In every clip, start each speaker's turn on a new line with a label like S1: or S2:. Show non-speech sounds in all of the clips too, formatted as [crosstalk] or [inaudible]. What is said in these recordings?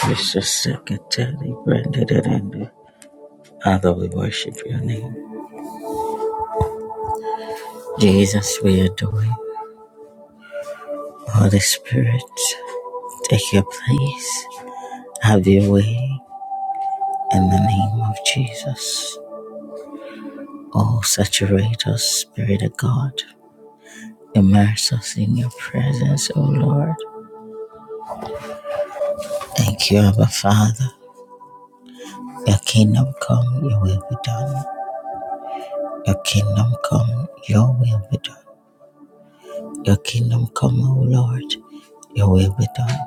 S1: Precious Secretary, branded it in there. Father, we worship your name. Jesus, we adore you. Holy Spirit, take your place. Have your way in the name of Jesus. Oh, saturate us, Spirit of God. Immerse us in your presence, O Lord. Thank you, Abba Father. Your kingdom come, your will be done. Your kingdom come, your will be done. Your kingdom come, O Lord. Your will be done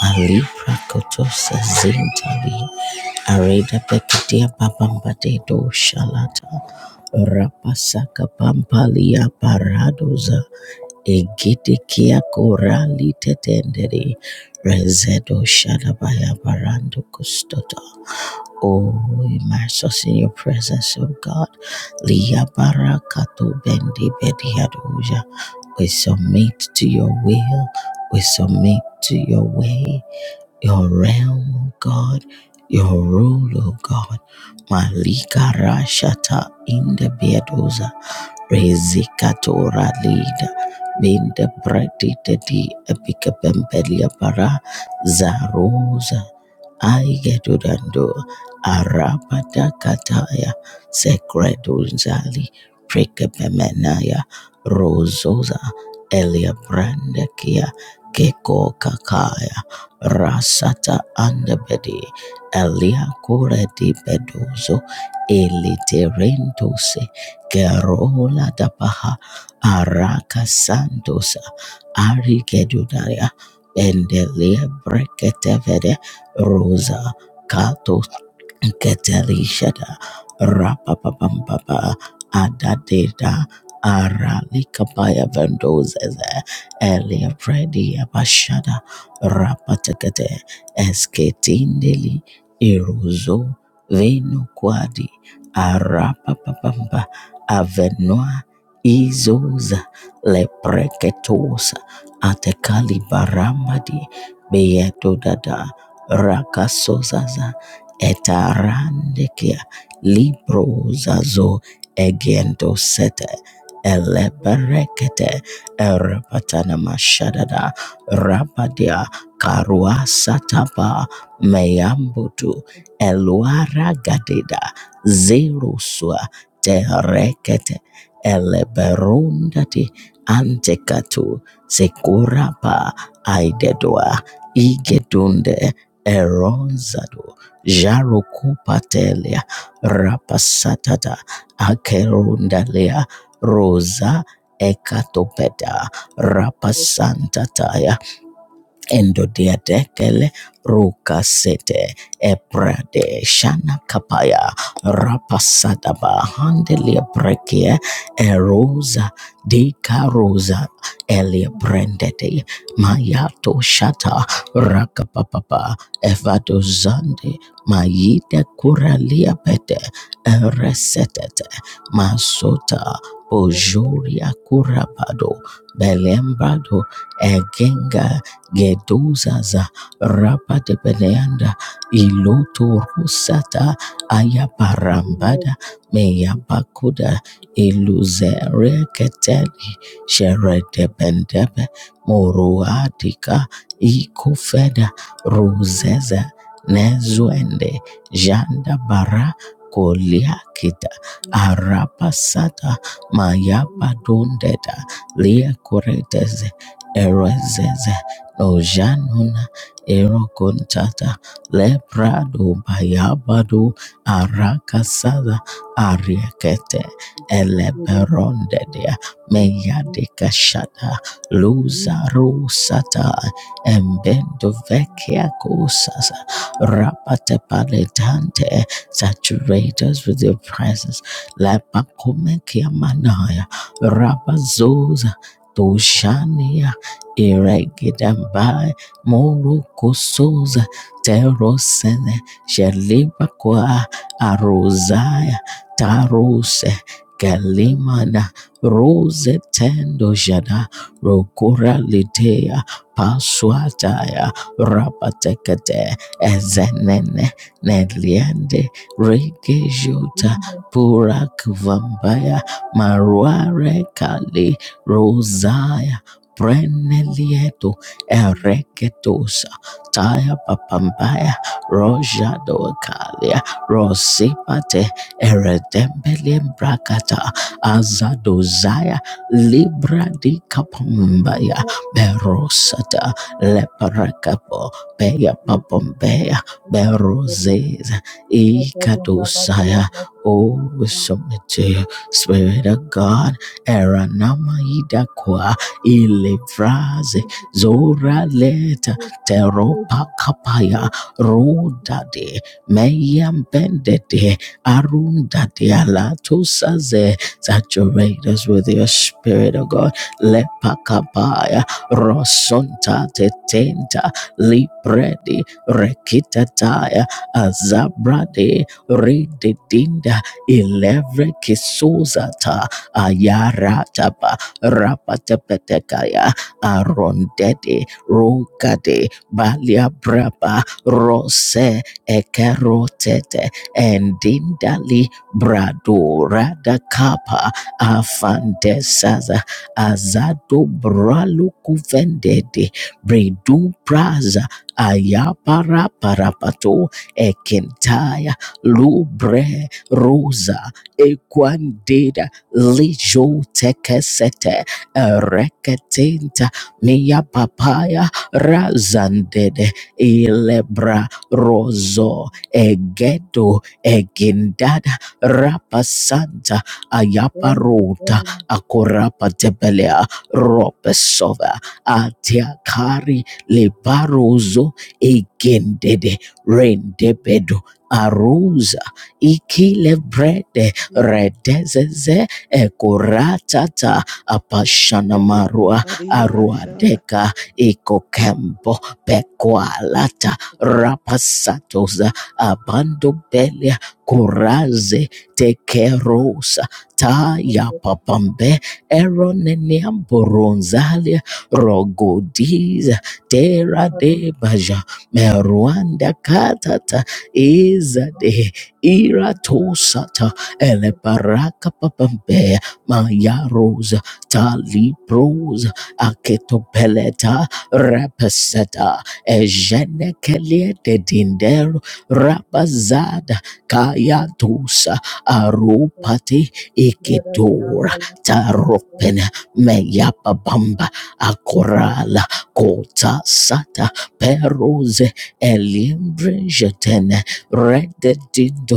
S1: Alifra kotosa zintali areda pekitia papambatedo shalata rapasaka pampalia paradoza egitikia korali tetendere rezedo shadabaya barando kustota. Oh, immerse us in your presence, O God. Lia barakato bendi bediadoja. We submit to your will. We submit to your way your realm, O God, your rule, O God. Malika Rashata in the Beadosa, Rezikatora Lida, Binda Bredita di Epica Pempelia Para, Zarosa, Aigedudando, Arabada Kataya, Secredunzali, Precapemenaya, Rososa, Elia Brandakia, Keko Kakaya. Rasata andebedi elia kure di bedozo eliterendose gerola da paha araka sandosa ari gedudaria endelia breketevede rosa kato Ketelishada Rapapapamba Adadeda Aralika Baya Vendozes Elia Predi Abashada rapatakate esketindeli iruzo veno kwadi arapapapamba avenoa izoza lepreketosa atekalibarambadi dada rakasozaza etarandekia librozazo egentosete
S2: Thank
S1: eleberekete erapatana mashadada rabadia Karua Satapa Meyambutu Eluara Gadeda Zeruswa Terekete Eleberundati Antekatu Sekurapa Aidedwa Igedunde Eronzado Jarukupatelia Rapasatata Akerundalia Rosa Ekatopeta Rapasanta taya endodiadekele rukasete ebrade shana kapaya rapasadaba handelia brekia erosa dekarosa elia brendete mayato shata rakapapapa evadozande mayide kuralia pete eresetete masota bojuria kurabado belembrado egenga geduzaza rapadebeneanda ilotorusata ayaparambada meyabakuda iluzereketeli sheredebendebe moruadika ikofeda ruzeza nezuende jandabara koliakita arapasata mayabadondeda liakoreteze erezeze Ojanuna Erocontata Leprado Bayabado Arakasada Ariakete Eleberondedea Meyadekashada
S2: you.
S1: Luzaro Sata Embendo Vecchia Cosas Rapatepaletante Saturate us with your presence Lepacomekia Manaya Rabazosa Iregidamba Morukosoza Terosene Shelibakwa Arosaya Tarose Kalimana Rose Tendo Jada Rokura Litea Paswataya Rapatekate Ezenene Nedliende Regejota Purak Vambaya Maruare Kali Rosaya Prenelieto ereketosa taya papambaya roja dokalia rosipate eredembelimbrakata azadozaya libra di kapambaya berosata leparakapo peya papambeya berozeza ikadosaya Oh, we submit to you, Spirit of God. Eranama idakwa ilivraze zora leta teropa kapaya rodade meyambendede arundade alatosaze saturate us with your spirit of God lepa kapaya rosonta tetenta libredi rekitataya azabrade rededinda ilevre kisuzata ayarataba Rapatepetekaya, Arondede, Rogade, Balia Braba, Rose, Ekerotete, Endindali, Brado, Rada kapa Afandesaza, Azado Bralu Kuvendede, Bredu Praza, Ayapara Parapato, Ekentaya, Lubre, Rosa, Equandeda, lijotekesete ereketinta mia papaya razandede ilebra rozo egedo egindada rapasanta ayaparota akorapatepelea ropesova atiakari lebarozo egindede rendebedo aruza ikilebrede redezeze ekoratata apashanamarua aruadeka ikokembo pekoalata rapasatoza abandobelia kuraze tekerosa tayapapambe eroneniamboronzalia rogodiza teradebaja meruanda katata izade ele baraka papambe maya rosa tali prosa aketo peleta repeseta ejene kelie de dindero rabazada kaya dosa arupati ikitora taropen meya babamba akorala kota sata perose elimbre jetene rededindo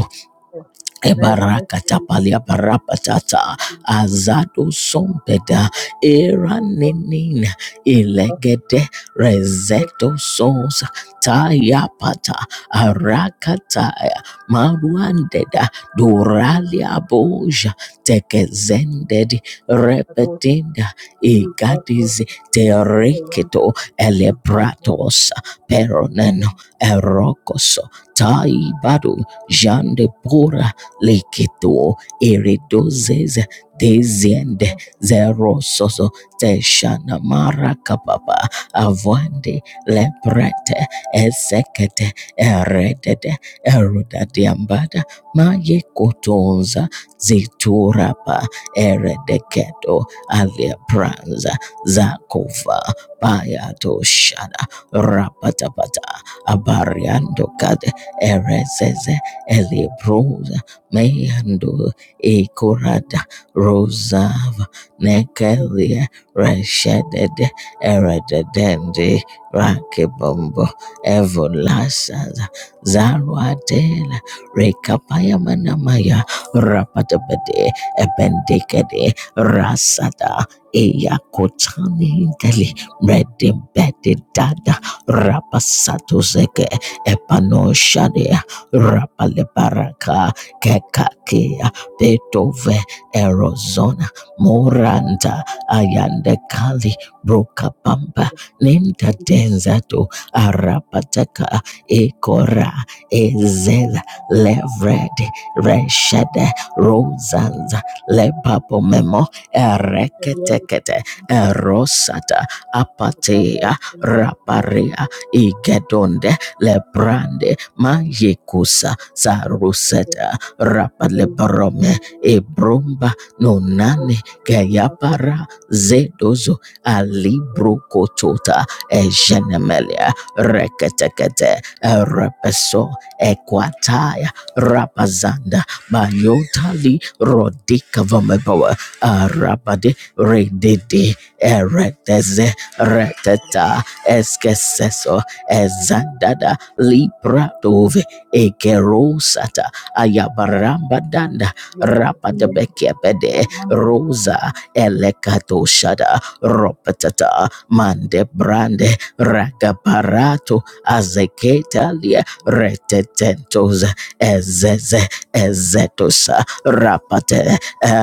S1: Ebarakatapalia parapatata azado sompeda eranenin ilegede rezeto sons tayapata arakataya maruandeda duralia boja tekezendedi repetinda igadizi tereketo elebratos peroneno erokoso taibado jandepora Likito iridozes deziende zerososo teshana marakapapa avande lebrete esekete eredede erodadiambada mayekotonza ziturapa eredeketo aliapranza zakova payatoshana rapatapata abariandokade erezeze elibruza Meyando Ekorada Rosav Nekelia Reshedede Erededende Rakebombo Evolasaz Zaruadela Rekapayamanamaya Rapatabede Ebendekede Rasada Eyakotani Deli Redembede Dada Rapasato Zeke Epano Shadia Rapale Kekakia Petove Erozona Moranta Ayande Kali Broka Pampa Ninta Denzato Arapataka Ekora Ezela Levred Reshede Rosanza Lepapo Memo Ereketekete Erosata Apatea Raparia Igedonde Lebrande Mayekusa Saruseta rapale parome ebromba nonane keyapara zedozo alibrokotota ejenemelia reketekete erepeso ekwataya rapazanda bayotali rodika vamebawa arabade redede ereteze reteta eskeseso ezandada lipratove ekerosata ayabaramba danda rapadabekepede rosa elekato shada ropatata mande brande ragaparato azeketalia retetentos ezeze ezetosa rapate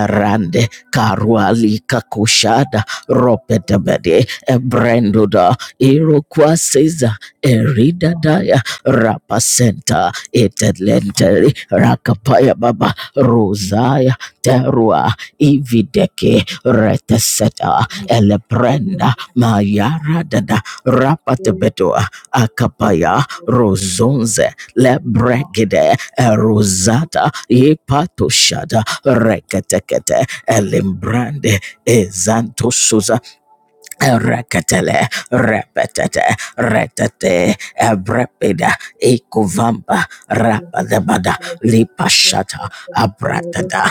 S1: rande karuali kakushada ropetabede ebrendoda irokwaseza eridadaya rapasenta itelenteri rakapaya baba Rozaya terua ivideke reteseta elebrenda mayaradada
S2: Thank you.
S1: rapatebetoa akapaya
S2: Thank
S1: rozonze lebregede erozata ipatoshada reketekete elimbrande ezantosuza Rakatele, repetete, retete, abrepida, ecovamba, rapadabada, lipashata, abratada,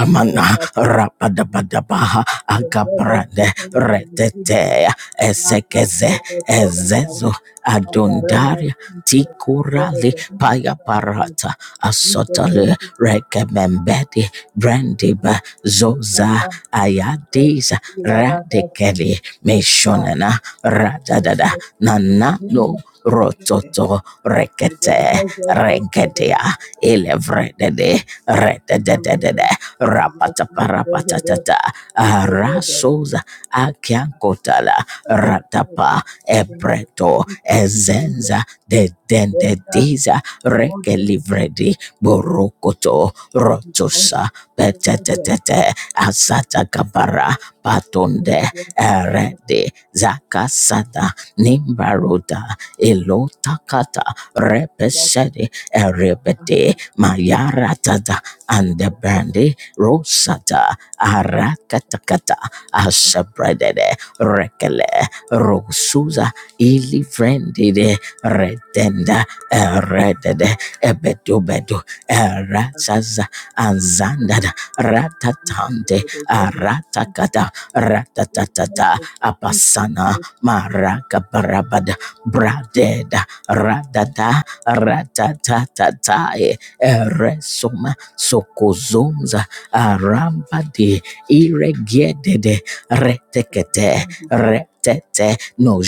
S1: Amana rabadabadabaha agabrande retetea ezekeze ezezo adondaria tikurali payaparata asotale rekemembedi brandiba zoza ayadiza radikeli
S2: you.
S1: mishonena
S2: Thank
S1: radadada nanano rototo rekete regedia ilevredede redededede rapataparapatatata arasoza akiankotala ratapa ebreto ezenza de dende diza. dedendediza rekelivredi borokoto rotosa petetetete asatakabara patonde erede zakasada nimbaruda ilotakata repesede erebede mayaratada and the brandy Rosata Arakatakata Asabradede Rekele Rosuza Ilivrendide Redenda Eredede Ebedubedu Erazaza Anzandada Ratatante
S2: you.
S1: Aratakata
S2: We bless
S1: Ratatatata
S2: you. We
S1: Apasana
S2: bless
S1: Marakabarabada Bradeda Radada Ratatatatai Eresuma Sokozum arambadi iregedede retekete retete no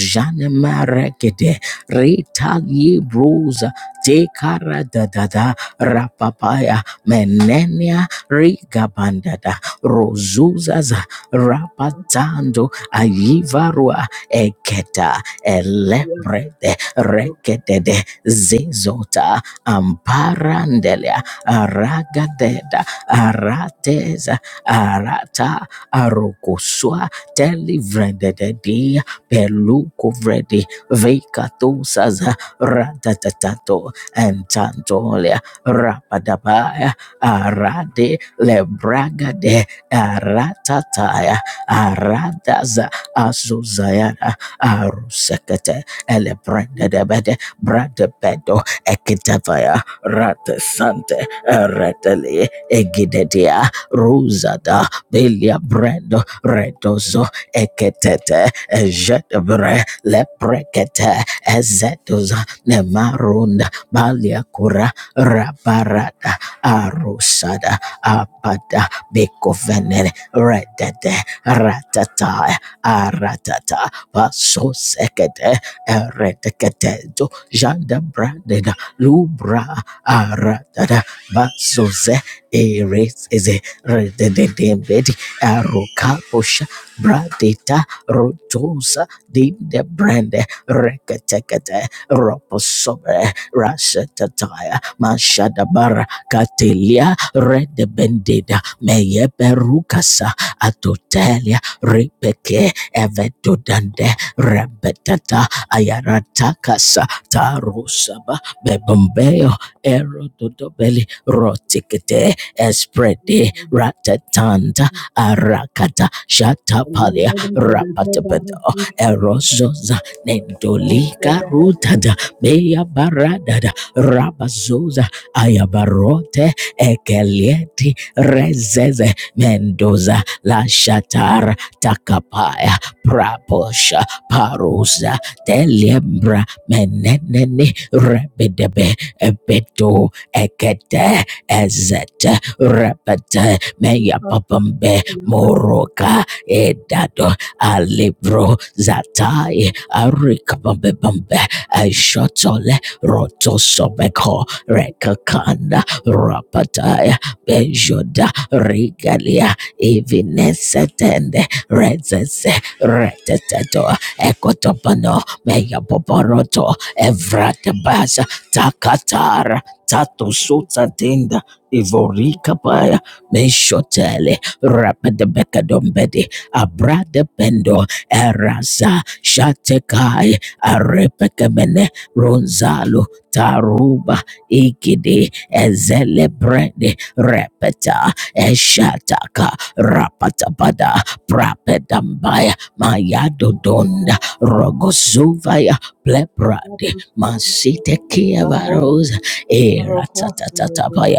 S1: maregede ritali bruza tekara dadada rapapaya menenia rigabandada rozuzaza rapatando ayivarua eketa elebrede
S2: you.
S1: rekedede zezota amparandelia aragadeda Arateza, arata arokoswa telivrendededi pelukovredi veikatosaza ratatatato entantolia rapadabaya arade lebragade aratataya aradaza azuzayana arusekete elebrendedebede bradebedo ekitavaya ratesante ereteli egidedia ruzada belia brendo redozo eketete ejedebre leprekete ezedoza nemarunda balia Kura, rabarada arusada apada bekovenene redede ratata aratata pasosekete ereteketezo jandabrandeda lubra aratada basoze erezeze redededebedi arokaposha bradeta rotosa dindebrende reketekete roposobe rasetataya mashadabara katelia redebendeda meyeperukasa atotelia ripeke evedodande rebetata ayaratakasa tarusaba bebombeyo erododobeli rotikete Espredi ratatanta arakata shatapalia rapatapedo erozoza nendolika rutada meya baradada rabazoza ayabarote ekelieti rezeze mendoza la shatara takapaya praposha parusa telembra menenene rebedebe ebedo ekete ezet repete meya papambe moroka edado alibro zatai arikapambe pambe eshotole rotosobeko rekakanda rapataya bejoda rigalia evinesetende rezese reteteto ekotopano meya poporoto evratebasa takatara Tato sota tenda Ivorika paya meshotele rapede bekadombedi abrade pendo eraza shatekai arepekemene ronzalo taruba ikide ezelebrede repeta eshataka rapatabada prapedambaya mayadodonda rogozuvaya plebrade masitekiavarosa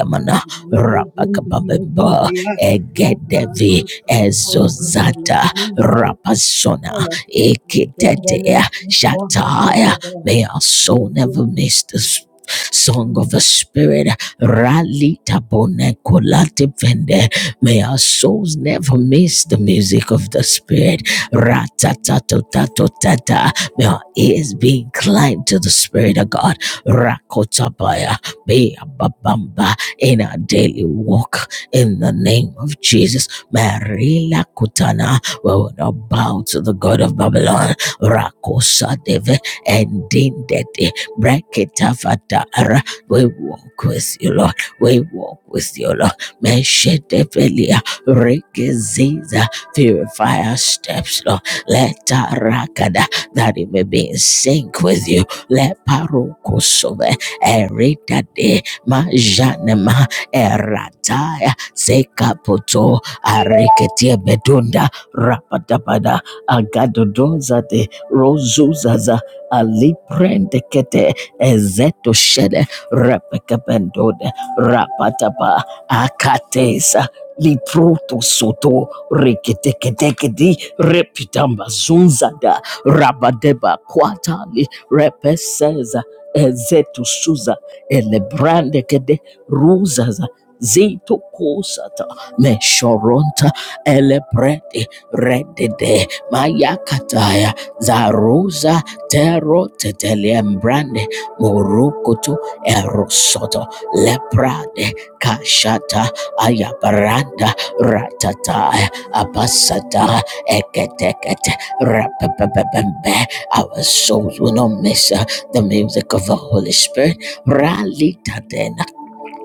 S1: mana. Rapakabababa, Egedevi, Ezozata, Rapasona, Ekitetea, Shataya. May our soul never miss this. Song
S2: Thank
S1: of
S2: you.
S1: the Spirit, Rally Tabone Kolate Vende. May our souls never miss the music of the Spirit. Ratatatata. May our ears be inclined to the Spirit of God. Rakotabaya. Be Ababamba in our daily walk in the name of Jesus. Marila Kutana, we will not bow to the God of Babylon. Rakosadeve and Dindete Breketafatara. We walk with you, Lord. We walk with you, Lord. Meshedevelia Rekeziza. Purify our steps, Lord. Let Rakada that it may be in sync with you. Let Parokosove Erita de majanema erataya sekapoto areketie bedunda rapatapada agadodozate rozuzaza aliprendekete ezetoshede repekependode rapatapa akatesa liproto soto reketeketekedi repitamba zunzada rabadeba kwatali repeseza ezetu suza elebrande kede ruzaza zito kosata meshoronta elebrede redede mayakataya zaruza tero teteliembrande morokoto erosoto leprade kashata ayabaranda ratata abasata eketekete rapapapapambe our souls will not miss uh, the music of the Holy Spirit Ralita den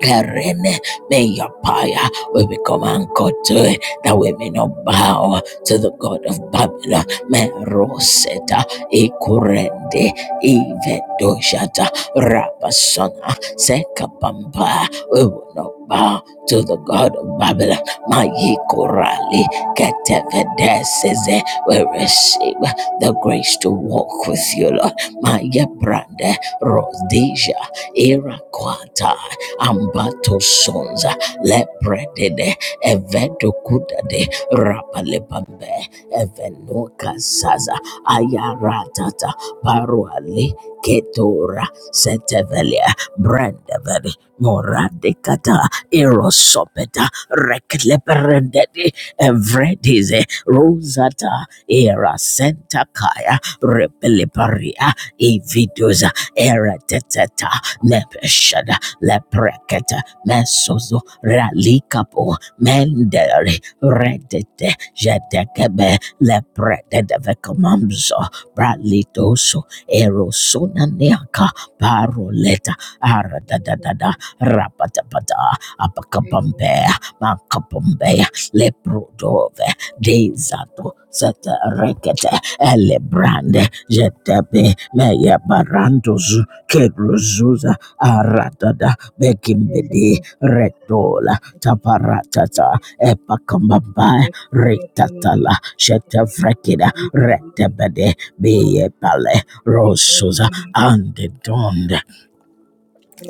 S1: Kareme, may your power will become anchored to it, that we may not bow to the God of Babylon. Meroseta, Ikurende, Ivedoshata, Rabasona, Sekapamba. We will not bow to the God of Babylon. Mayikurali, Ketevedeseze. We receive the grace to walk with you, Lord. Maya Brande, Rhodesia, Iraquata ambato sonza lepredede evedo kudade rapalepambe eveno kasaza ayaratata paruale ketora setevelia brandevede moradekata erosopeta rekleperendede evredize rosata era sentakaya repeleparia evidoza ereteteta nepeshada leprekete mesozo ralikapo mendere redete jedekebe leprededevekomamzo bralitoso erosonaniaka paroleta
S2: Thank
S1: aradadadada rapatapata apakabombea makabombea leprodove dezato sete rekete elebrande jetebe meya meyebarandozu kegruzuza aratada begimbedi redola taparatata epakambamba retatala shetavrekida retebede beyepale rosuza and donde.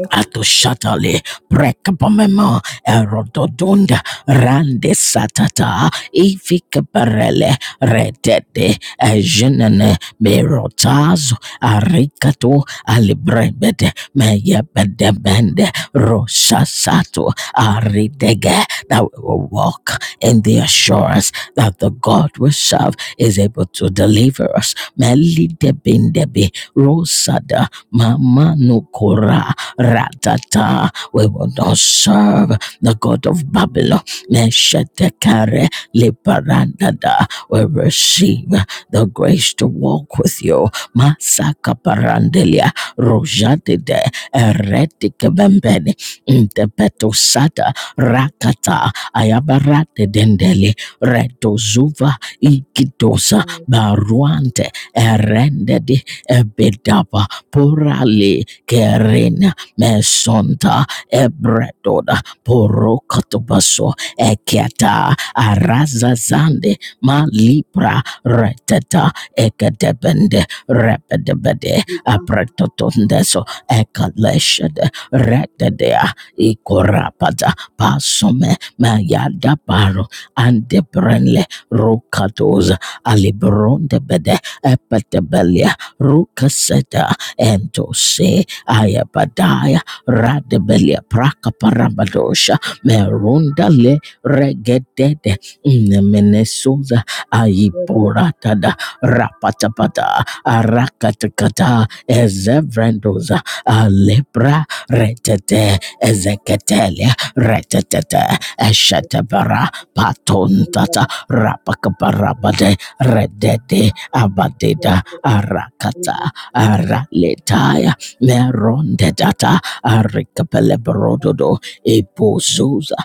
S1: Atoshatale prekapamemo erododonda rande satata ifikaparele redede ejenene merotazo arikato alibrebede meyebedebende roshasato aridege that we will walk in the assurance that the God we serve is able to deliver us. Melidebindebe rosada mama nukora Ratata, we will not serve the God of Babylon. Neshetekare liparandada, we receive the grace to walk with you. Masaka parandelia, rojadide, eretike bembeni, intepeto sata, rakata, ayabarate dendeli, reto zuva, ikitosa, baruante, erendedi, ebedaba, porale, kerene, mesonta ebredoda porokotobaso eketa arazazande malibra reteta ekadebende repedebede apretotondeso ekaleshede rededea ikorapada pasome mayadabaro andebrenle rokatoza alibrondebede epetebelia rukaseta entose Aya Badaya Radebelia Praka Parabadosha Merundale Regedede Nemenesuza Ayiboratada Rapatapata Arakatakata Ezevrendoza Alepra Retete Ezeketelia Retete Eshetabara Patontata Rapakaparabade Redede Abadeda Arakata Araletaya meronde data arikapele brododo ipozuza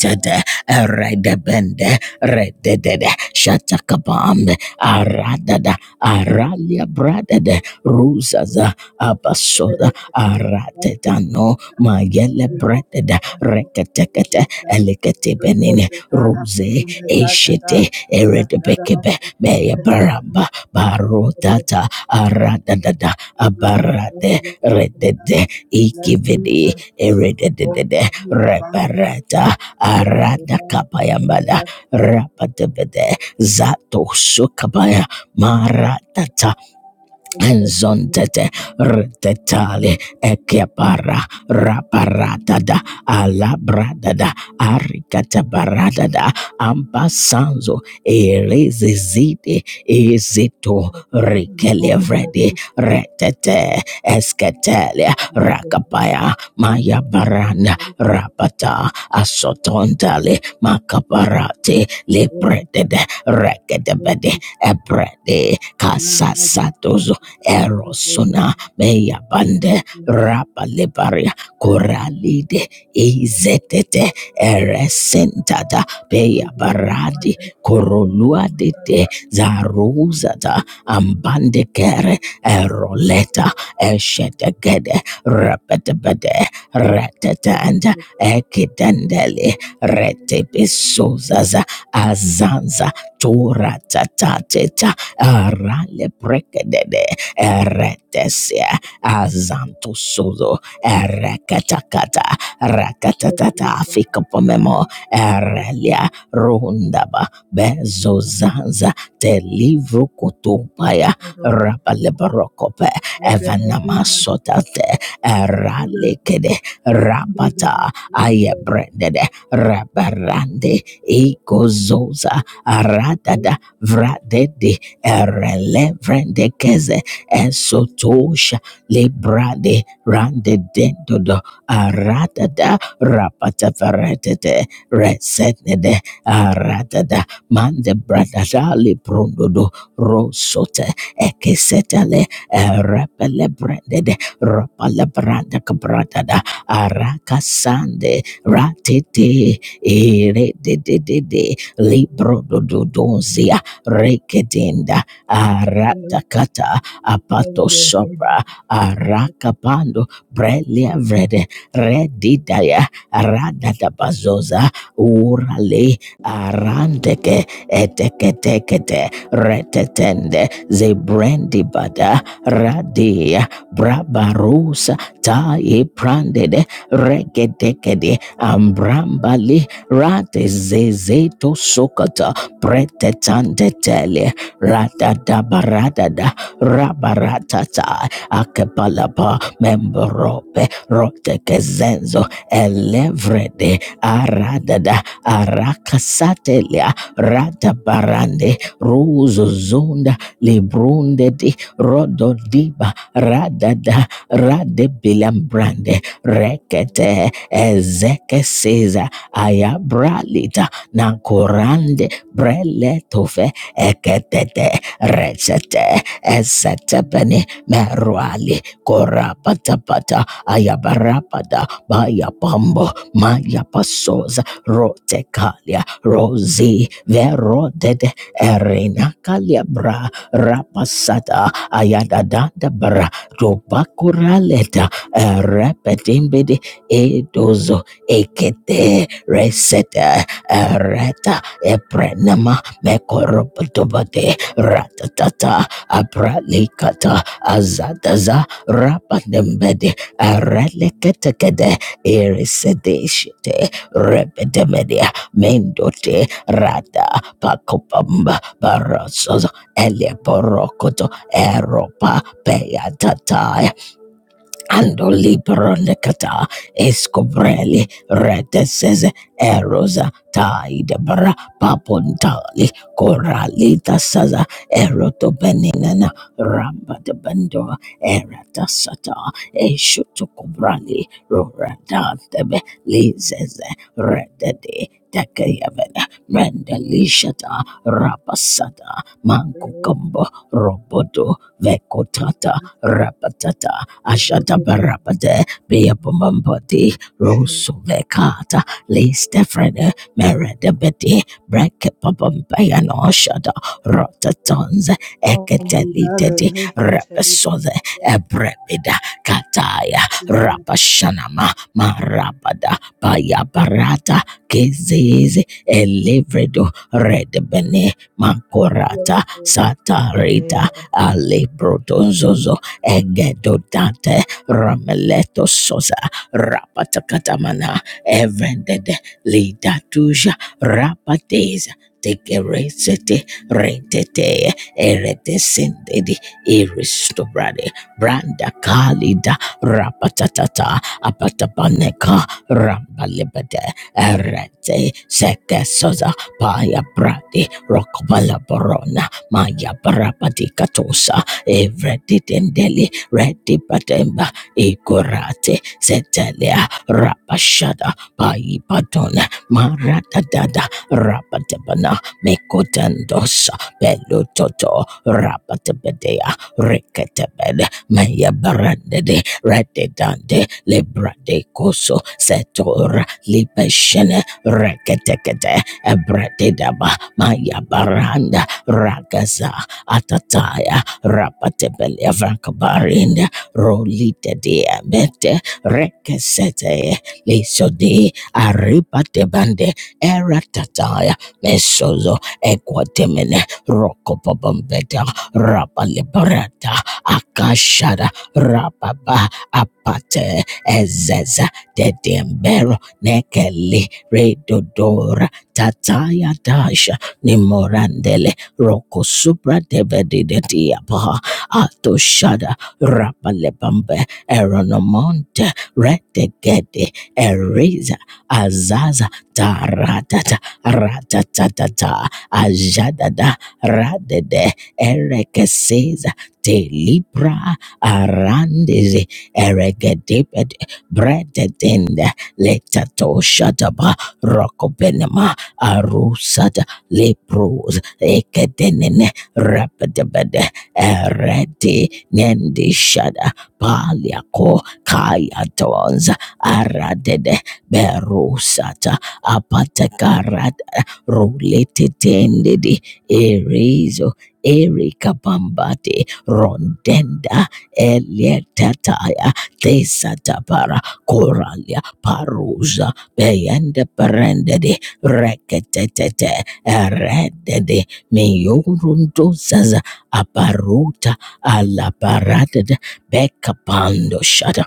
S2: you.
S1: redebende rededede shatakabambe aradada aralia bradede ruzaza
S2: Thank
S1: abasoza aradedano mayele bredede reketekete eleketebenene rose eshete eredebekebe meya baramba barodata aradada abarade redede ikividi erededede reparata arada kapayambada rapatebede zato sukabaya maratata Enzontete rtetale ekepara raparadada alabradada arikatabaradada ambasanzo erezezide ezito rikelevrede retete esketele rakapaya mayabarana rapata asotontale makaparate lebredede
S2: you.
S1: rekedebede
S2: Thank you.
S1: ebrede kasasatozo erosona meya bande rapa lebaria koralide izetete eresentada peya baradi koroluadete zaruzata ambande kere eroleta eshetegede repetebede retetanda ekidendele retebisozaza azanza tora tatateta arale prekedede eretesia azantusuzo erekatakata rakatatata fikapomemo erelia rundaba bezozanza telivru kutupaya rabalebarokope evanamasotate eralekede rapata ayebrendede rabarande ikozoza aradada vradede erelevrendekeze esotosha lebrade rande dendodo aradada rapatafaretete resetnede aratada mande bradada librundodo rosote ekesetale erepele brandede rapale branda kabradada arakasande ratete eredededede librodododozia rekedenda aratakata apato sopra arakapando brelia vrede redidaya radadabazoza urale arandeke eteketekete retetende zebrendi bada, radia brabarusa taye prandede regedekede ambrambali ratezezeto sokata pretetante tele radada radadabaradada rabaratata akepalapa memborope rotekezenzo elevrede aradada arakasatelia ratabarande ruzuzunda librundedi rododiba radada radebilambrande rekete ezekesiza ayabralita nankorande breletofe eketete recete esetepene merwali korapatapata ayabarabada bayapambo mayapasoza rotekalia rosi verodede erenakaliabra rapasata ayadadadabra tobakuraleta erepetimbidi edozo ekete resete ereta eprenama mekoropotobate ratatata apralikata azadaza rapandembede araleketekede irisedeshite rebedemedia mendote rada pakopamba barasozo eliaporokoto eropa peyatataya Ando libro necata escobreli reteses erosa taidebra papontali coralita saza eroto beninana ramba de bendo erata sata eshuto cobrali roradantebe lizeze redede Tekayabena, Mendelishata, Rapasata, Mankukumbo, Robodo, Vekotata, Rapatata, ashata barabade beabombati
S2: Sure.
S1: rosovekata le stefrene meredebede breke papampayano shada rotatons
S2: Won't be another
S1: eketelitede
S2: naked
S1: repesode
S2: everybody.
S1: ebrebida kataya
S2: Thank
S1: rapashanama marabada bayabarata kezeze elevredo redebene makorata satarita alebrodonzozo egedodante rameleto soza rapatakatamana evendede lidatuja rapateza tekeresete rentete eretesendedi iristobrade branda kalida rapatatata apatabaneka rambalebede erete sekesoza paya bradi rokobalaborona maya barabadi katosa evredi tendeli redi patemba ikorate setelea rapashada paipadona maratadada rapatebana mekotandosa pelutoto rapatebedea reketebede meyebarandede rededande lebrade koso setora libeshene reketekete ebrededaba mayabaranda ragaza atataya rapatebele vakabarinda rolite diabete rekesete lisodi aripatebande eratataya mesozo ekwatemene rokopobombeta rapalebarata akashara rapaba apate ezeza dedembero nekeli redodora tataya dasha nimorandele Roko Supra Devedidiapaha Ato Shada Rapalebambe Eronomonte Retegede Eriza Azaza Taratata Ratatatata Ajadada Radede Erekeseza Telibra Arandeze Eregediped Bredetende Letato Shadaba Roko benema Rokobenema lepros ekedenene rapedebede ereti nendishada paliako kayatons aradede berusata apatakarada ruletetendedi erizo Erika Bambati Rondenda Eliatataya Tesatapara Coralia Parusa Beyende Perendedi Rekete eredede meyurundozaza aparuta alaparadada bekapando shada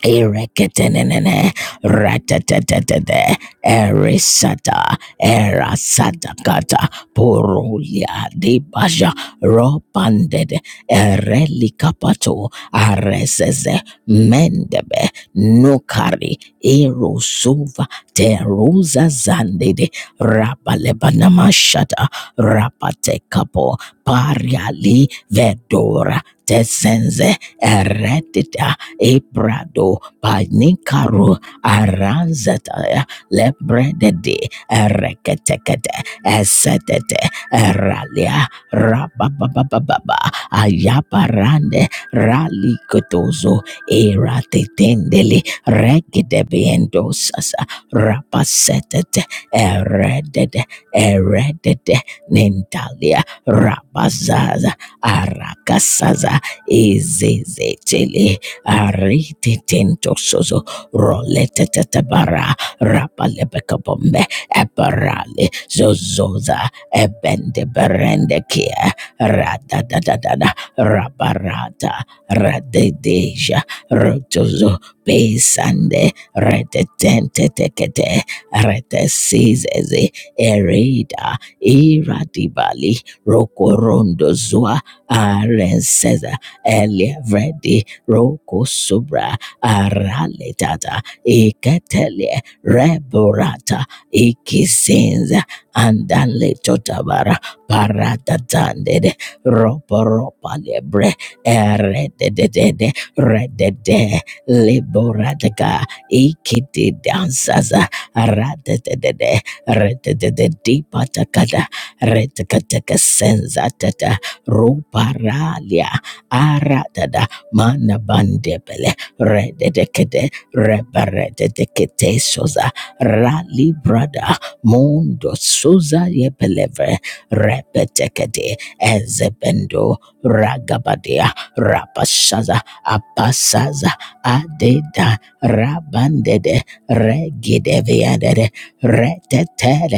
S1: Ereketenene, ratatatata, erisata, erasata kata, purulia di basha, ropanded, erelikapato, areseze, mendebe, nukari, erosuva, teruza zandede, rabalebanamashata, rapate kapo. pariali, vedora, tesenze, eretita, Ebrado Panikaro Aranzataya Lebredede Ereketekete Esetete Eralia Rabababababa Ayaparande Ralikotozo Eratetendele Regedebiendosasa Rapasetete Eredede Eredede Nintalia Rabazaza Arakasaza Ezezetele Ariti tinto sozo rolete tetebara rapalebeka bombe eparale zozoza ebende berende kia rada da da da da rabarata radedeja rotozo pesande redetente tekete retesizeze erida iradibali rokorondo zua arenseza elivredi Roko Sobra Araletata Ikatele Reborata Ikisinza Andale Totabara Paratatandede Roporopa Lebre Erededede Redede Liborataka Ikiti Dansaza Radedede Rededede Dipatakada Redekateka Senzatata Ruparalia Aradada mana bandebele rededekede rebarededekete soza rali brada mondo soza yebeleve repetekede ezebendo ragabadia rapashaza apasaza adeda rabandede regideviadede retetere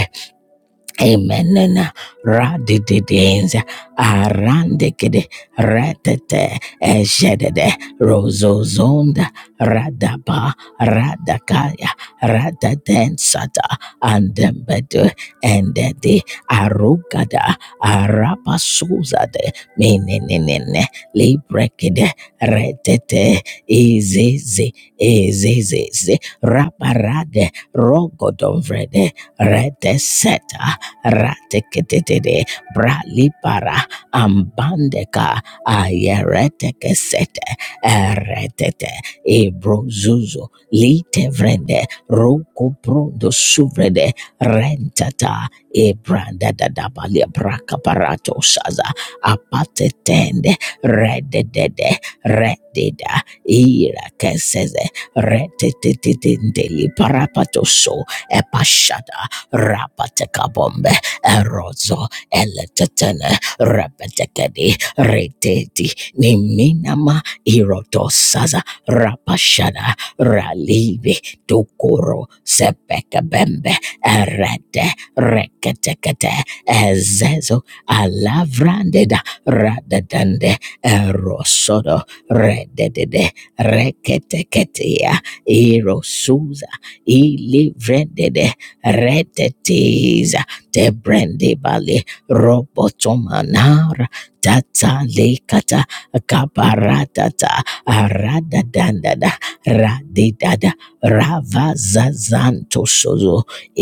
S1: Amen. Radididins. Arandikid. retete Eshedede. Rozozonda. Radaba. Radakaya. Radadensata. Andembedu. Endedi. Arugada. Arapasuzade. Meninine. Librekide. Retete. Izizi. Izizizi. Raparade. Rogodonvrede. Reteseta rateketete bralipara ambandeka ayeretekesete eretete ebrozuzo litevrende rokoprondo suvrede rentata ebrandadadabalia brakaparato saza apatetende rededede redida irakeseze retetetetendeli parapatoso epashada rapatekabombe erozo eletetene repetekedi reteti niminama irotosaza rapashada ralivi tukuro sepekabembe erete reketekete ezezo alavrandeda radadande erosodo rededede reketeketia irosuza ilivrendede retetis de brende bale robotomanara tata lekata kaparatata aradadandada radedada ravazazantosozo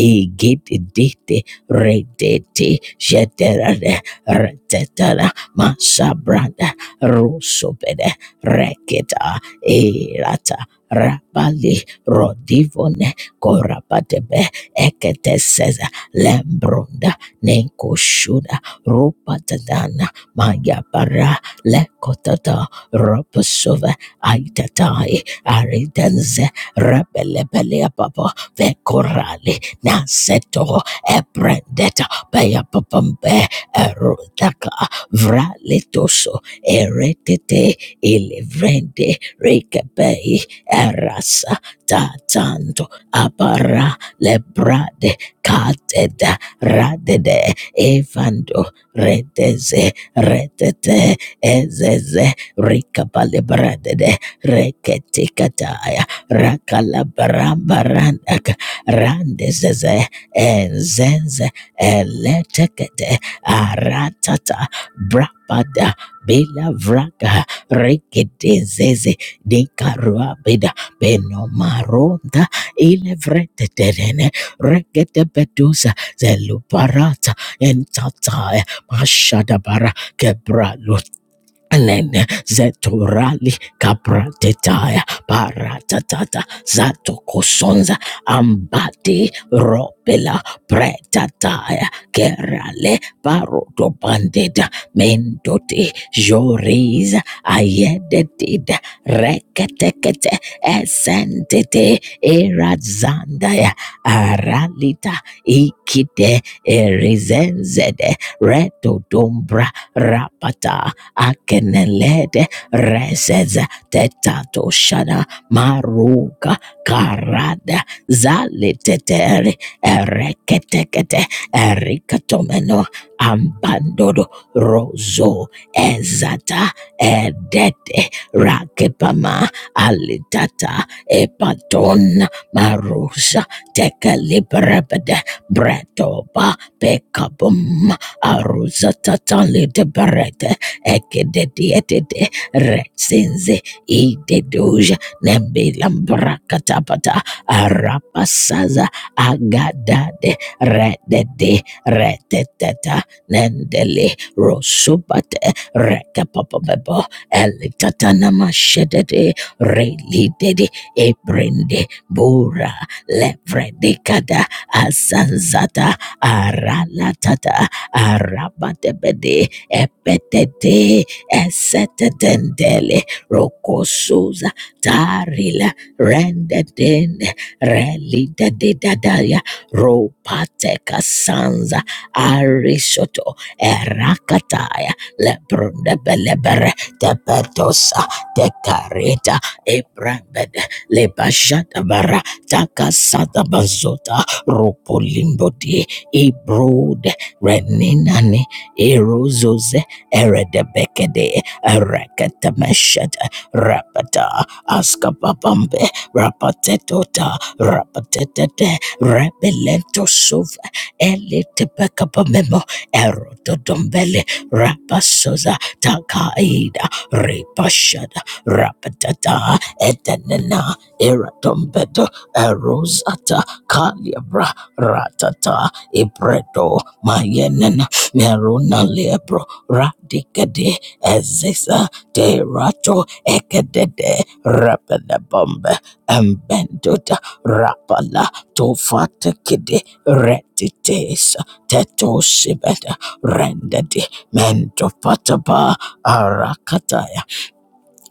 S1: egededete redete jederade retetara masabrada rosobede reketa erata rabale rodivone korapatebe ekete says lembronda nenkoshuda rupatadana mayabara lekotata ropasova aitatai aridenze rebelebeleapapa vekorale naseto ebrendeta peyapapambe erotaka vraletoso eretete ilivrende rekebei erasa tatanto abara lebrade Kateda radede evando redeze redete ezeze rikabalebradede reketikataya rakalabarambarandak randezeze enzenze eletekete aratata brapada bila vraga rikidezeze dikaruabida benomaronda ilevreteterene regedebedusa zelubarata entataya mashadabara kebra Alene zetorali kapratetaya paratata zato kosonza ambati ropela pretataya kerale paroto bandida mendoti joriza ayedetida reketekete esentete erazandaya aralita ikite erizenzede reto dombra rapata akenelede rezeza tetato shada maruga karada zaleteteri ereketekete erikatomeno ambandodo rozo ezata edete rakepama alitata epaton marusa tekelibrepede bretoba pekabum aruzata aruzatataliteberete ekedetietete retsinze idedoja nembilambrakatapata arapasaza agadade redede reteteta nendele rosubate rekapapabebo elitatanamashedede relidede ebrende bura levredekada azanzata aralatata arabatebede epetete esetetendele rokosuza tarila rendedende relidededadaya ropateka sanza arisoto erakataya lebrondebelebere tepetosa tekareta ebrambede lebashatabara takasatabazota ropolimbodi ibrode reninani Erozos Eredebekede Erekatameshata Rapata Askapapambe Rapatetota Rapatete Rebelento Suva Elitebekapamemo Erododombele Rapasoza Takaida Ripashada Rapatata Etenena Eratombedo Erosata Kaliabra Ratata Ibredo Mayenena Meruna Lebro Radicade Ezesa Derato Ekadede Rapida Bombe Embenduda Rapala Tofata Kide Retites Teto Shibeda Rendedi Mendopataba Arakataya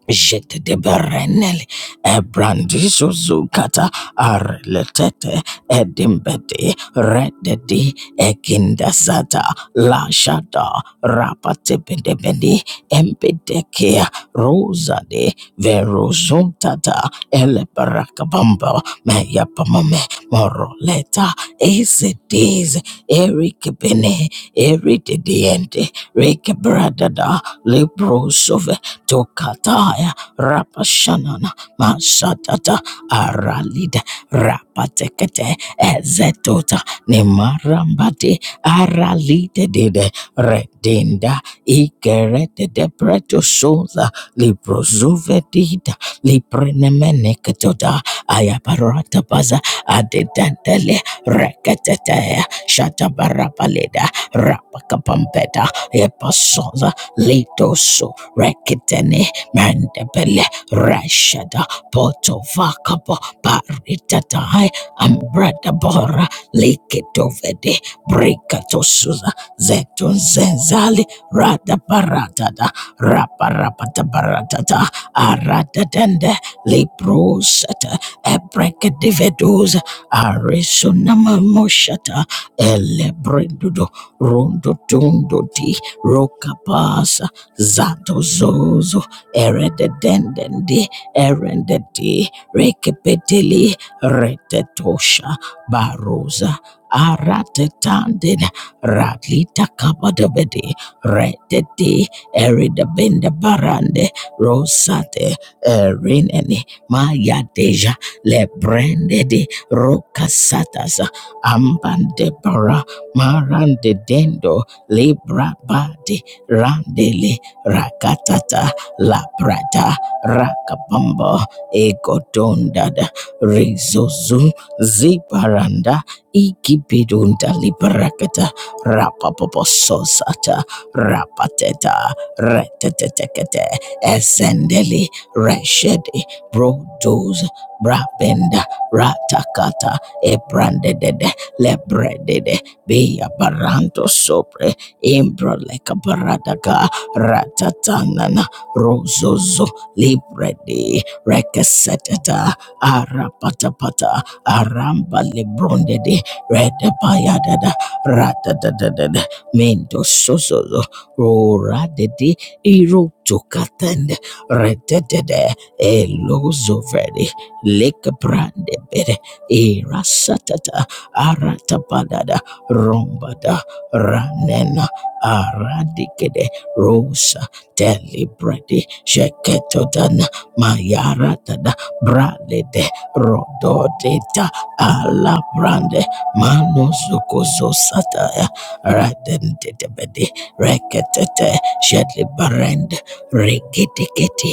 S1: Jete de Berenel, Ebrandiso Zukata, Arletete, Edimbede, Rededi, Ekindasata, Lashada, Rapatebedebedi, Empedekea, Rosade, Verozuntata, Elebarakabamba, Meyapamame, Moroleta, Esedes, Erikebene, Erididiente, Rekebradada, Lebrosov, Tokataya Rapashanana Mashatata Aralida Rapatekete Ezetota Nemarambate Aralide Dede Redinda Ikerete de Preto Sosa Librozuvedida Liprenemeneketota Ayaparata Baza Adedantele Reketete Shatabarapaleda Rapakapampeta Epasosa Lidoso Rekitene Mandabele Rashada Potovakabo Baritatai Ambradabora Likitovede Brikatosuza Zetun Zenzali Radaparatada Raparapatabaratata Aradadende Librosata Ebrekadivedos Arisonamamoshata Elebrindudo Rondo Tundo Di Rokapasa Zatozozo Eredendende Erendeti Rekepeteli Retetosha Barosa Aratetandin Radlita Kabadabedi Retete Eridabenda Barande Rosate Erineni Maya Deja Lebrendedi Rokasatas Ambandebara Marande dendo. Libra Badi Randele Rakatata Labrata Rakapambo Egodondada Rizozu Zibaranda Igibidunda Librakata Rapapopososata Rapateta Retetetekete Esendeli Reshedi Brodos Brabenda Ratakata Ebrandede Lebredede Bia Baranto sopre Imbra like a baradaga, ratatanana, rozozo, libredi, recasetata, arapatapata, aramba librondedi redapayadada, ratadadadada, mendo sozozo, roradedi, irotokatende, rededede, elozovedi, lekabrandebede, irasatata, aratapadada, rombada, ranena aradikede rosa delibredi sheketodan mayaradada bralede rododeda alabrande manosukozosataya radendedebede reketete shelibarende regedeketi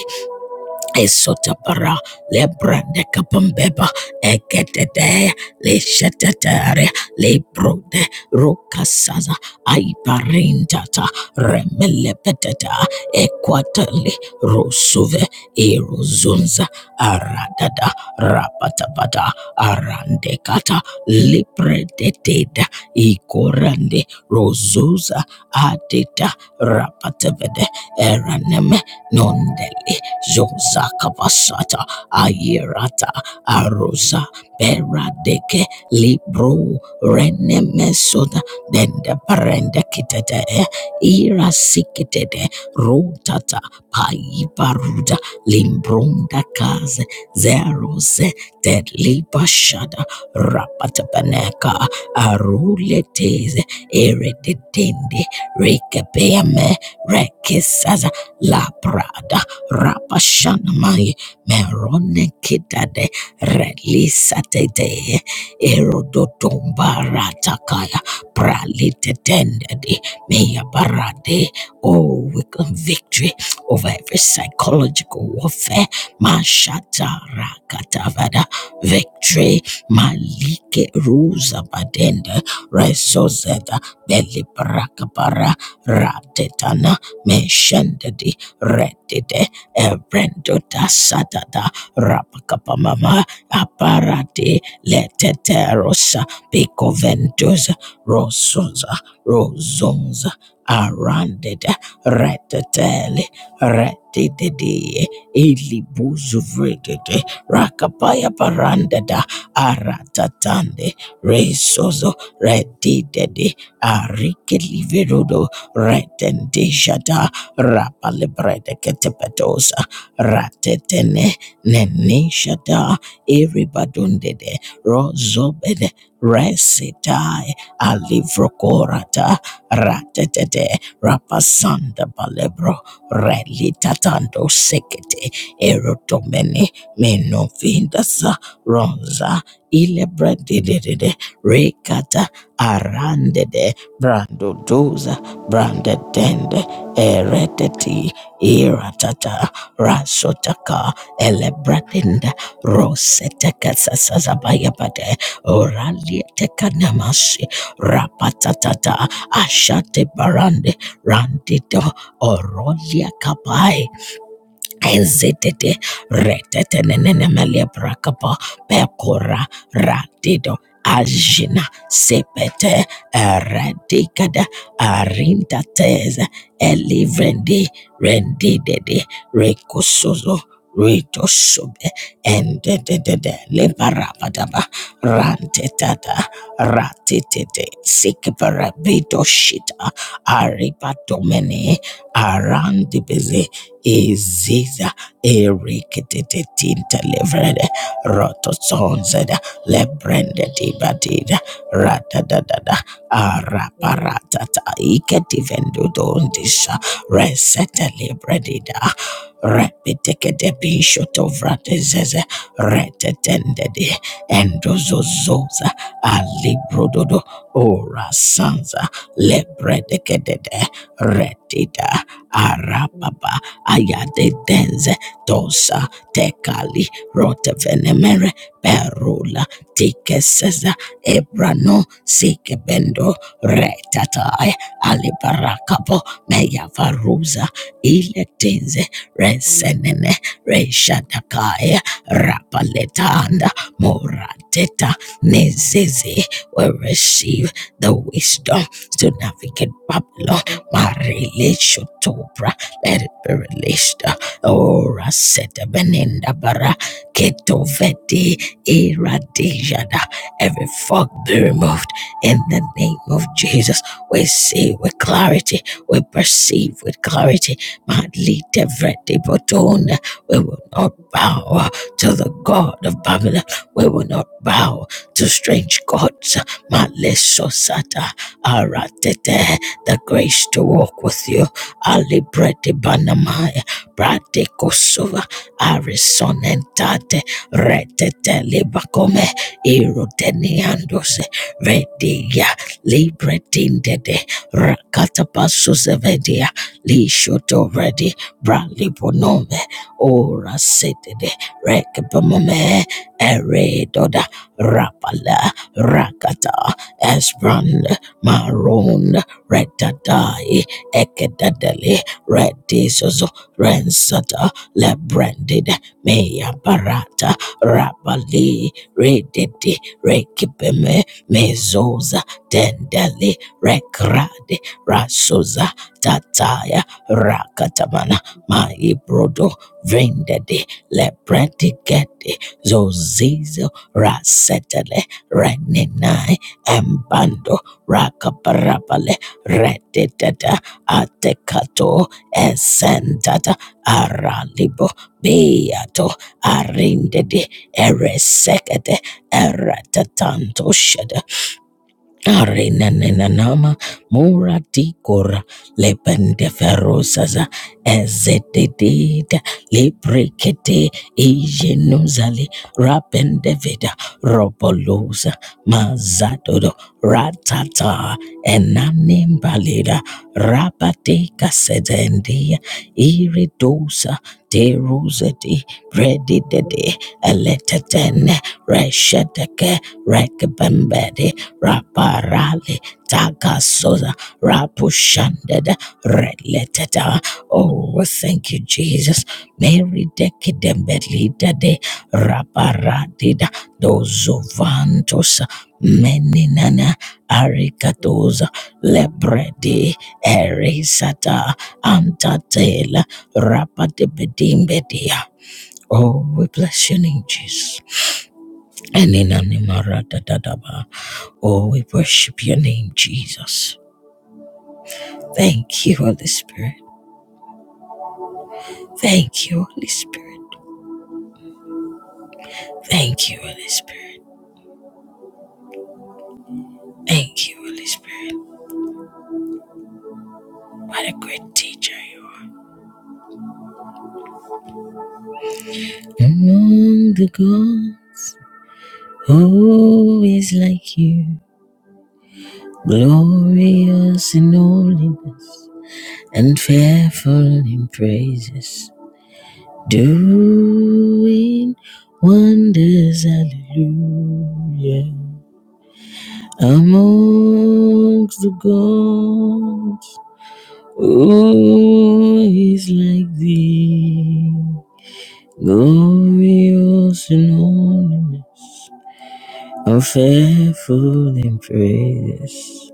S1: Esotapara, Lebrande Kapambeba, Eketete, Leshetetere, Lebrode, Rokasaza, Aiparintata, Remelepeteta, Equatali, Rosuve, Erozunza, Aradada, Rapatapata, Arandekata, Libredeteda, Ikorande, Rosuza, Adeta, Rapatavede, Eraneme, Nondele. Zonza Kapasata Ayerata Arosa Beradeke Libro Renemesoda Dende Parende Kitete Ira Sikitede Rotata Paibaruda Limbronda Kaze Zerose Telibashada Rapatapaneka Aruleteze Eredetende Rekepeame Rekisaza La Prada Rapashanamai Merone Kidade Relisatete Erodotombara Takaya Pralitetendede Mea Barade. Oh, we claim victory over every psychological warfare. Mashata Rakatavada victory. Malike Ruza Badenda Rezozeta Belibrakabara Ratetana Meshendedi Redide Ebrendo da sadada rapakapamama aparate leteterosa picoventus rosunza rosunza aranded retetele retididi ilibuzuvredede rakapaya parandada aratatande resozo retidede arikeliverodo retendejada rapa librede ketepetosa ratetene nenishada iribadundede rozobede resitai alivrokorata ratetete rapasanda balebro relitatando sekete erotomene menofindasa ronza ilebrededede rekata arandede brandodoza Branded brandedende eredeti iratata rasotaka elebradinda roseteka sasazabayabade oralieteka namasi rapatatata ashate barande randido orolia kabai Ezedede retetenenemele brakapa pekora radido ajina sepete eradicada arinta teze elivrendi rendidede recosozo retosube endedede leparabadaba rantetada ratitete sikparabito shita aripatomene arandibeze Iziza Erikitinta Livered Rotosonzed Lebrenda Dibadida Ratadada Araparatata Iketivendudondisha Reseta Libredida Repitikedebishotovratezeze Retetendedi Endozozoza Alibrododo Ora Sansa Lebredekedede Retida Arapaba ayade denze dosa tekali rotevenemere perula tikeseza ebrano sikebendo retatae alibarakapo meyavaruza iletinze resenene reshadakaya rapaletanda morateta nezeze will receive the wisdom to navigate Babylon. Marile shotobra Erberelishta Ora Seta Benenda Bara Ketoveti Iradijada. Every fog be removed in the name of Jesus. We see with clarity, we perceive with clarity. Madli Tevreti Botona. We will not bow to the God of Babylon. We will not bow to strange gods. Malesosata Aratete. The grace to walk with you Ali Brete Banamaya, Brate Kosova, Arison Entate, Rete Telebacome, Eroteniandose, Redia, Libretindede, Rakatapaso Zevedia, Lishoto Redi, Brali Bonome, Ora Setede, Rekabamome, Eredoda, Rapala, Rakata, Esbrand, Maroon, Retadai, ekedadele redisozo rensata lebranded meya barata rabali redede rekipeme mezoza dendele rekrade rasoza tataya rakatamana maibrodo vrindede lepretikete zozizo rasetele renenai embando rakaparabale redede Atekato Esendada Aralibo Beato Arindede Eresekede Eratatato Shada Arenanenanama mura tikora lebende ferosaza ezetedida lebrekete ijenuzali rapendeveda robolosa mazadodo ratata enanimbalida rabateka sedendia iridosa deruzedi redidede eletetene resheteke rekbembedi Raparale Tagasoza Rapushanded Releteta. Oh, thank you, Jesus. Mary Dekidembelida de Raparadida Dozovantos Meninana Arikatoza Lebredi Erisata Antatela Rapadebedim Bedia. Oh, we bless your name, Jesus. And in Animaradadadaba. Oh, we worship your name, Jesus. Thank you, Holy Spirit. Thank you, Holy Spirit. Thank you, Holy Spirit. Thank you, Holy Spirit. What a great teacher you are. Among the gods, who is like you? Glorious in holiness and fearful in praises, doing wonders, hallelujah. amongst the gods. Who is like thee, glorious in holiness, and fearful in praise,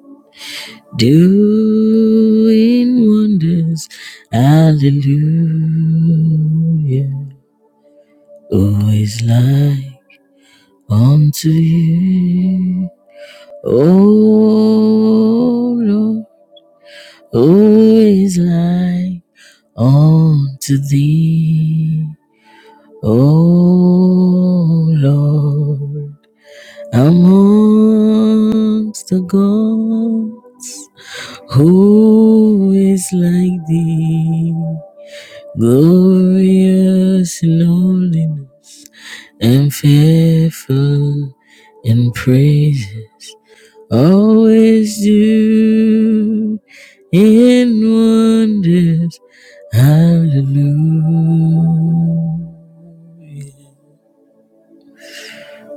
S1: doing wonders. Hallelujah. Who is like unto you, O Lord? Who is like unto thee? O Lord, amongst the gods, who is like thee? Glorious in holiness and fearful in praises. always do in wonders. Hallelujah.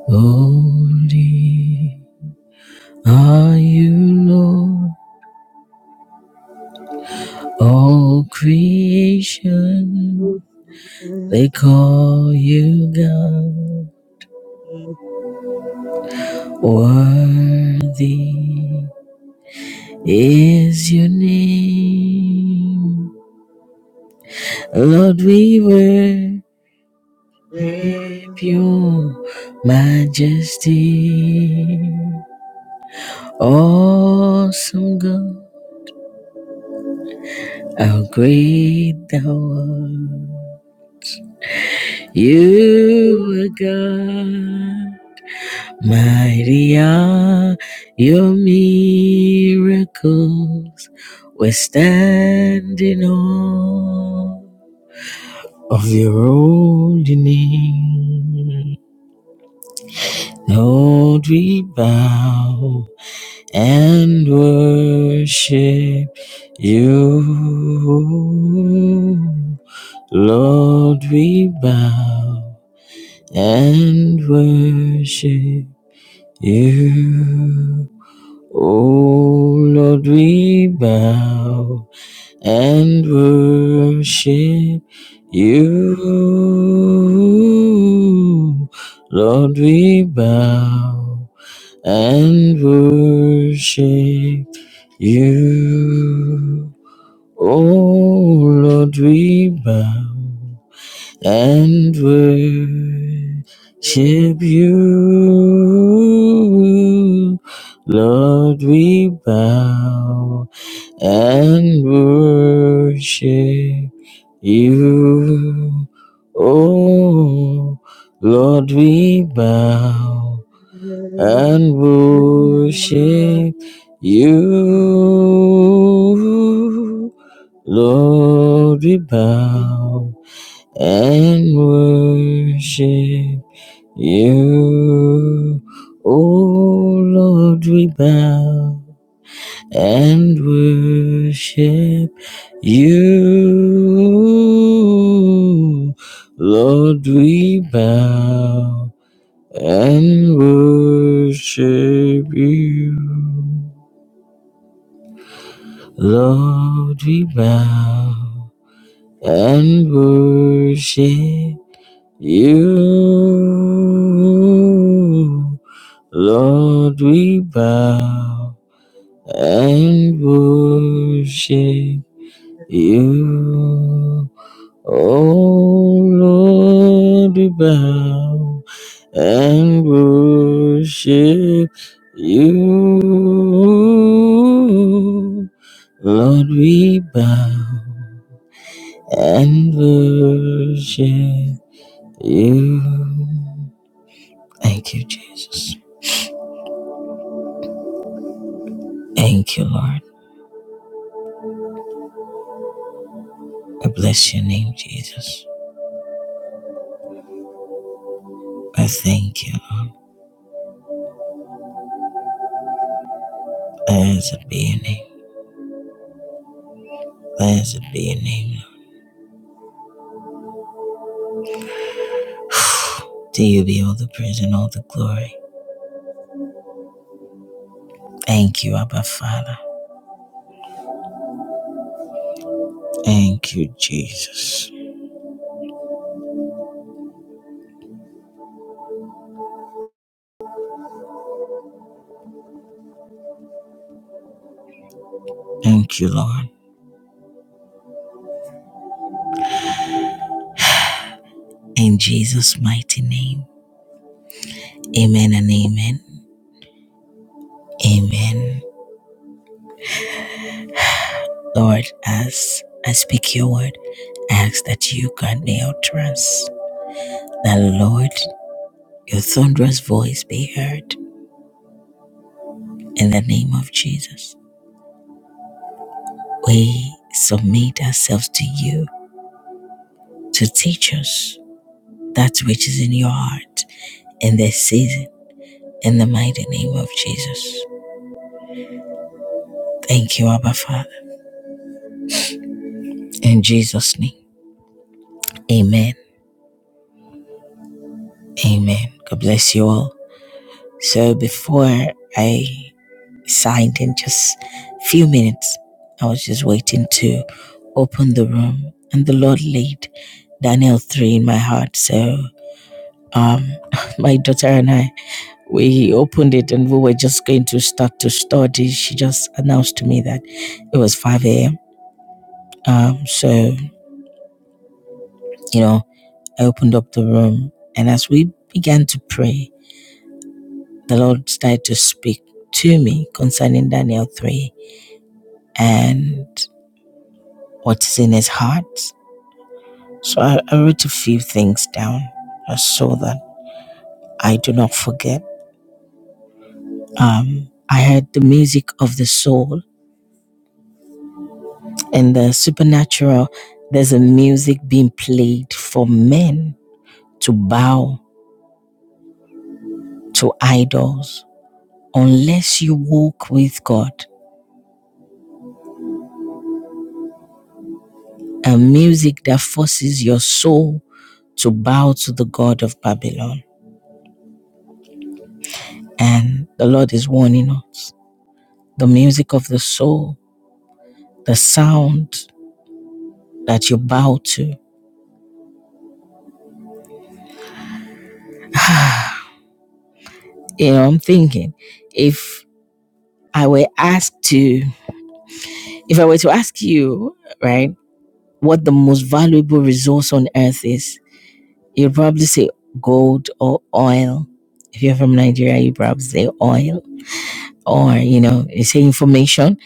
S1: Holy are you, Lord. All creation, they call you God. Worthy is your name. Lord, we worship. If your majesty, awesome God, how great thou art. You are God, mighty are your miracles. We're standing on of your holy name. Lord, we bow. and worship you. Lord, we bow and worship you. Oh, Lord, we bow and worship you. Lord, we bow and worship you, oh Lord, we bow and worship you. Lord, we bow and worship you. Oh, Lord, we bow and worship you. Lord, we bow and worship you. Oh, Lord, we bow and worship you. Lord, we bow and worship you. Lord, we bow and worship you. Lord, we bow and worship you. Oh Lord, we bow and worship you. Lord, we bow and worship you. Thank you, Jesus. Thank you, Lord. I bless your name, Jesus. I thank you. Blessed be your name. Blessed be your name, Lord. To you be all the praise and all the glory. Thank you, Abba Father. Thank you, Jesus. Thank you, Lord. In Jesus' mighty name. Amen and amen. Amen. Lord, as I speak your word, I ask that you grant me utterance. That, Lord, your thunderous voice be heard. In the name of Jesus, we submit ourselves to you to teach us that which is in your heart in this season. In the mighty name of Jesus. Thank you, Abba Father. In Jesus' name. Amen. Amen. God bless you all. So before I signed in just a few minutes, I was just waiting to open the room and the Lord laid Daniel 3 in my heart. So um [laughs] my daughter and I we opened it and we were just going to start to study. She just announced to me that it was 5 a.m. Um so you know I opened up the room and as we began to pray the Lord started to speak to me concerning Daniel 3 and what is in his heart. So I, I wrote a few things down uh, so that I do not forget. Um, I heard the music of the soul and the supernatural. There's a music being played for men to bow to idols unless you walk with God. A music that forces your soul to bow to the God of Babylon And the Lord is warning us. The music of the soul, the sound that you bow to. [sighs] you know, I'm thinking if I were asked to, if I were to ask you, right, what the most valuable resource on earth is, you'd probably say gold or oil. If you're from Nigeria, you probably say oil or, you know, you say information.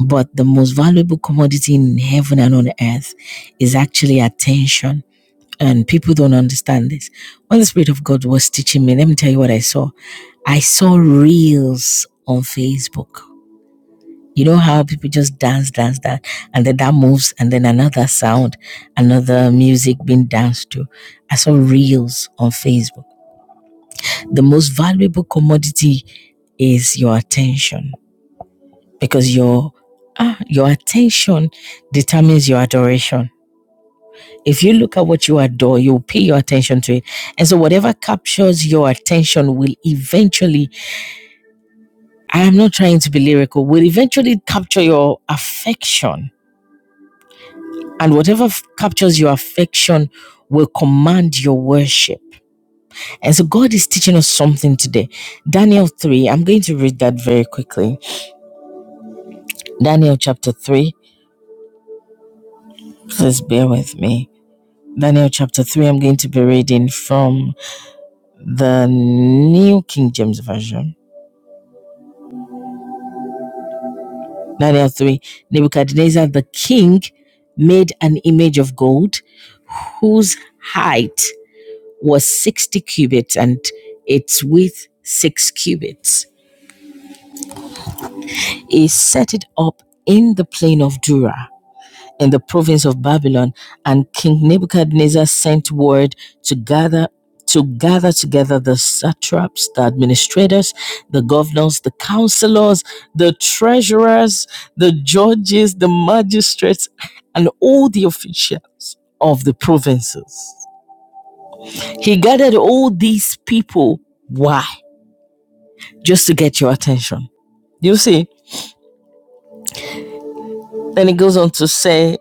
S1: But the most valuable commodity in heaven and on earth is actually attention and people don't understand this. When the Spirit of God was teaching me, let me tell you what I saw. I saw reels on Facebook. You know how people just dance, dance, dance, and then that moves, and then another sound, another music being danced to. I saw reels on Facebook. The most valuable commodity is your attention because your ah, your attention determines your adoration. If you look at what you adore, you'll pay your attention to it. And so, whatever captures your attention will eventually, I am not trying to be lyrical, will eventually capture your affection. And whatever f- captures your affection will command your worship. And so, God is teaching us something today. Daniel 3, I'm going to read that very quickly. Daniel chapter 3, please bear with me. Daniel chapter 3, I'm going to be reading from the New King James Version. Daniel 3, Nebuchadnezzar the king made an image of gold whose height was 60 cubits and its width 6 cubits. He set it up in the plain of Dura in the province of Babylon, and King Nebuchadnezzar sent word to gather to gather together the satraps, the administrators, the governors, the counselors, the treasurers, the judges, the magistrates, and all the officials of the provinces. He gathered all these people. Why? Just to get your attention. You see, then he goes on to say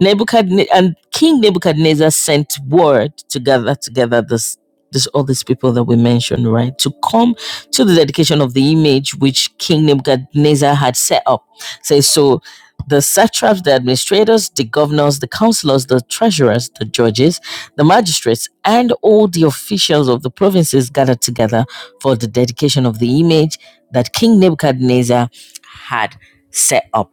S1: Nebuchadnezzar and King Nebuchadnezzar sent word to gather together this this all these people that we mentioned, right? To come to the dedication of the image which King Nebuchadnezzar had set up. Says so the satraps, the administrators, the governors, the counselors, the treasurers, the judges, the magistrates, and all the officials of the provinces gathered together for the dedication of the image that King Nebuchadnezzar had set up.